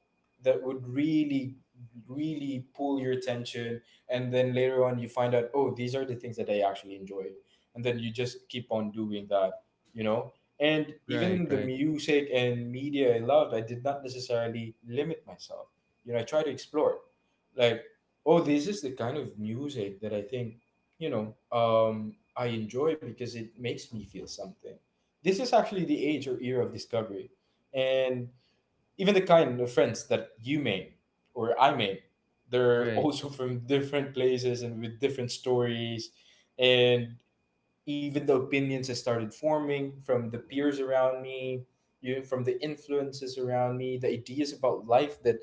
Speaker 2: that would really pull your attention. And then later on you find out, oh, these are the things that I actually enjoy, and then you just keep on doing that, you know? And
Speaker 1: Right,
Speaker 2: even the
Speaker 1: right.
Speaker 2: music and media I loved, I did not necessarily limit myself, you know. I try to explore like, oh, this is the kind of music that I think, you know, I enjoy because it makes me feel something. This is actually the age or era of discovery. And even the kind of friends that you made or I made, they're
Speaker 1: Right.
Speaker 2: also from different places and with different stories. And even the opinions I started forming from the peers around me, you from the influences around me, the ideas about life that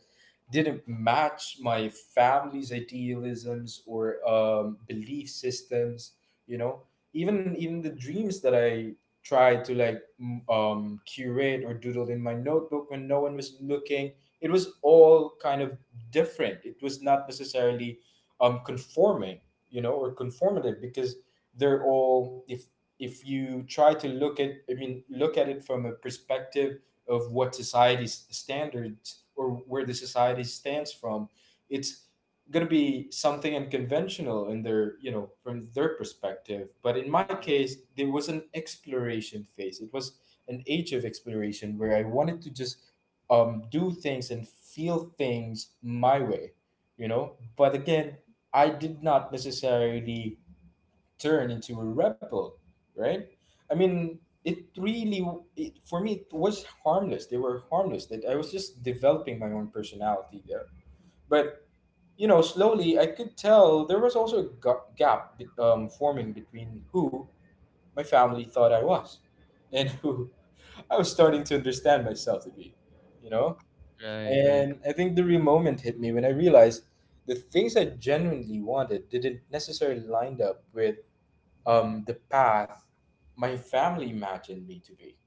Speaker 2: didn't match my family's idealisms or belief systems. You know, even even the dreams that I tried to like curate or doodle in my notebook when no one was looking, it was all kind of different. It was not necessarily conforming, you know, or conformative, because they're all if you try to look at, I mean, look at it from a perspective of what society's standards or where the society stands from, it's going to be something unconventional in their, you know, from their perspective. But in my
Speaker 1: Yeah.
Speaker 2: case there was an exploration phase. It was an age of exploration where I wanted to just do things and feel things my way, you know. But again, I did not necessarily turn into a rebel, right? I mean, it really, it, for me, it was harmless. They were harmless. That I was just developing my own personality there. But you know, slowly, I could tell there was also a gap forming between who my family thought I was and who I was starting to understand myself to be. You know,
Speaker 1: Right, right.
Speaker 2: and I think the real moment hit me when I realized the things I genuinely wanted didn't necessarily line up with the path my family imagined me to be.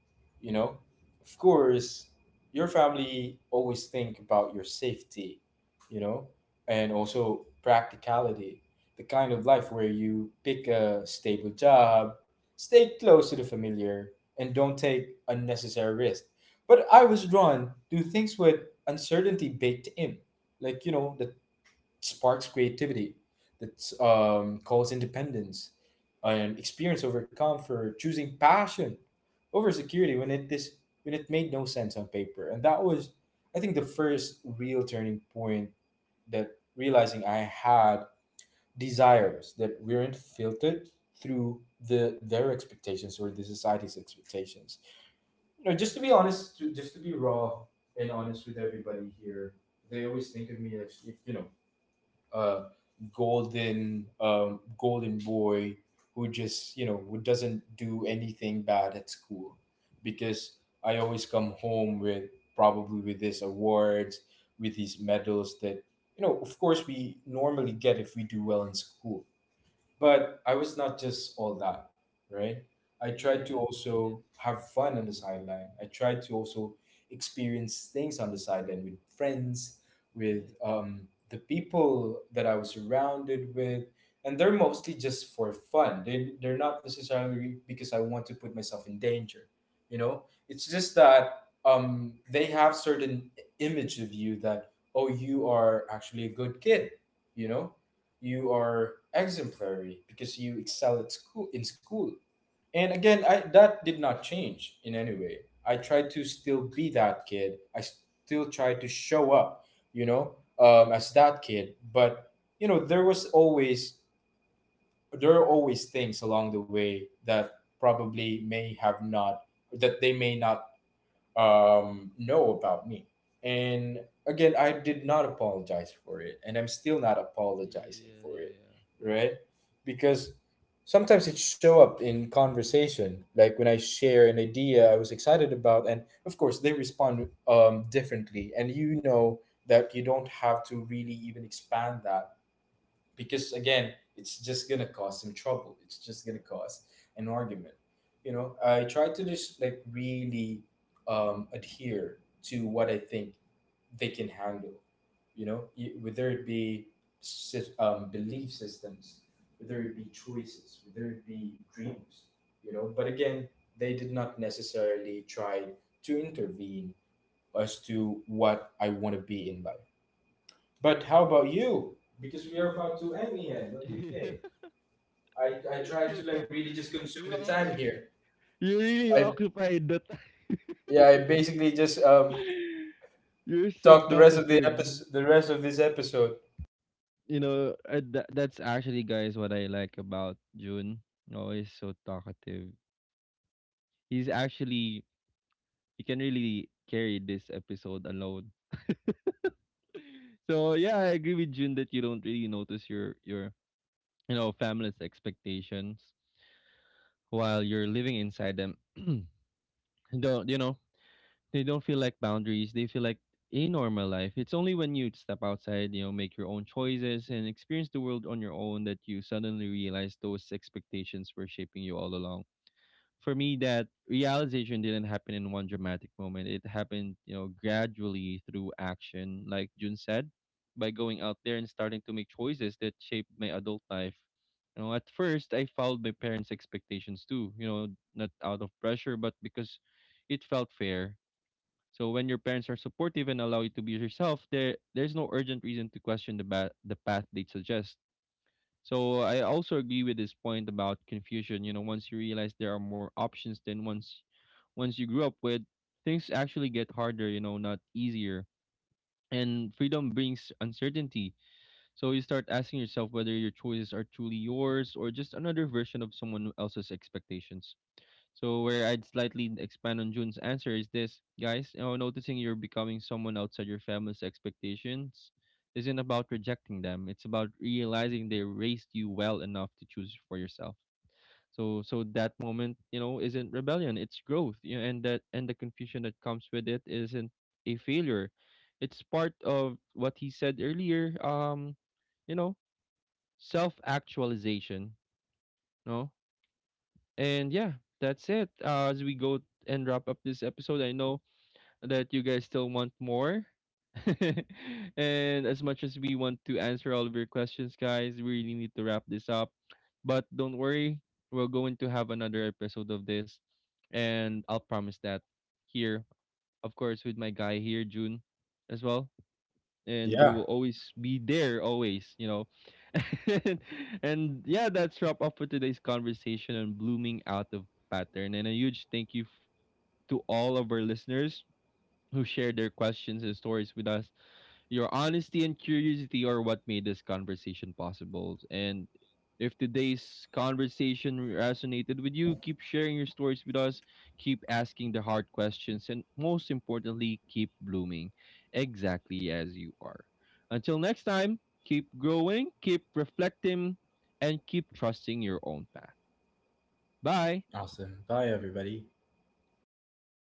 Speaker 2: You know, of course, your family always think about your safety, you know, and also practicality, the kind of life where you pick a stable job, stay close to the familiar, and don't take unnecessary risks. But I was drawn to things with uncertainty baked in, like, you know, the sparks creativity, that calls independence, and experience over comfort, choosing passion over security when it this when it made no sense on paper. And that was, I think, the first real turning point, that realizing I had desires that weren't filtered through the their expectations or the society's expectations. You know, just to be honest, to, just to be raw and honest with everybody here, they always think of me as you know uh, golden boy who just you know who doesn't do anything bad at school because I always come home with probably with these awards, with these medals that, you know, of course we normally get if we do well in school. But I was not just all that, right? I tried to
Speaker 1: Yes,
Speaker 2: also
Speaker 1: yes.
Speaker 2: have fun on the sideline. I tried to also experience things on the sideline with friends, with
Speaker 1: Right.
Speaker 2: the people that I was surrounded with. And they're mostly just for fun. They, they're not necessarily because I want to put myself in danger. You know, it's just that they have certain image of you that, oh, you are actually a good kid, you know? You are exemplary because you excel at school in school. And again I, that did not change in any way. I tried to still be that kid. I still tried to show up, you know, as that kid. But you know there was always there are always things along the way that probably may have not, that they may not know about me. And again, I did not apologize for it, and I'm still not apologizing
Speaker 1: Yeah,
Speaker 2: for it,
Speaker 1: yeah, yeah.
Speaker 2: right? Because sometimes it show up in conversation, like when I share an idea I was excited about, and of course they respond differently, and you know that you don't have to really even expand that because again it's just gonna cause some trouble, it's just gonna cause an argument, you know. I try to just like really adhere to what I think they can handle, you know. Y- Whether it be belief systems, whether it be choices, whether it be dreams, you know. But again, they did not necessarily try to intervene as to what I want to be in life. But how about you? Because we are about to end here. What do you think? I try
Speaker 1: You
Speaker 2: to
Speaker 1: know,
Speaker 2: like really just consume
Speaker 1: you
Speaker 2: the time
Speaker 1: occu-
Speaker 2: here.
Speaker 1: you really
Speaker 2: I
Speaker 1: occupied the time.
Speaker 2: yeah, I basically just
Speaker 1: You're so
Speaker 2: talk the rest of the
Speaker 1: talkative.
Speaker 2: episode, the rest of this episode.
Speaker 1: You know, that's actually, guys, what I like about June. Oh, he's so talkative. He's actually he can really carry this episode alone. So yeah, I agree with June that you don't really notice your you know family's expectations while you're living inside them. Don't you know they don't feel like boundaries. They feel like a normal life. It's only when you step outside, you know, make your own choices and experience the world on your own, that you suddenly realize those expectations were shaping you all along. For me, that realization didn't happen in one dramatic moment, it happened, you know, gradually, through action. Like June said, by going out there and starting to make choices that shaped my adult life. You know, at first I followed my parents expectations too, you know, not out of pressure, but because it felt fair. So when your parents are supportive and allow you to be yourself, there's no urgent reason to question the path they suggest. So I also agree with this point about confusion. You know, once you realize there are more options than once you grew up with, things actually get harder, you know, not easier. And freedom brings uncertainty. So you start asking yourself whether your choices are truly yours or just another version of someone else's expectations. So where I'd slightly expand on June's answer is this, guys, you know, noticing you're becoming someone outside your family's expectations isn't about rejecting them. It's about realizing they raised you well enough to choose for yourself. So, that moment, you know, isn't rebellion, it's growth. You know, and that and the confusion that comes with it isn't a failure. It's part of what he said earlier, you know, self-actualization. No. And yeah, that's it. As we go and wrap up this episode, I know that you guys still want more. And as much as we want to answer all of your questions, guys, we really need to wrap this up. But don't worry, we're going to have another episode of this. And I'll promise that here, of course, with my guy here, June, as well, and who will
Speaker 2: Yeah.
Speaker 1: always be there always, you know. And, yeah, that's wrap up for today's conversation on blooming out of pattern. And a huge thank you to all of our listeners who shared their questions and stories with us. Your honesty and curiosity are what made this conversation possible. And if today's conversation resonated with you, keep sharing your stories with us, keep asking the hard questions, and most importantly, keep blooming exactly as you are. Until next time, keep growing, keep reflecting, and keep trusting your own path. Bye.
Speaker 2: Awesome. Bye, everybody.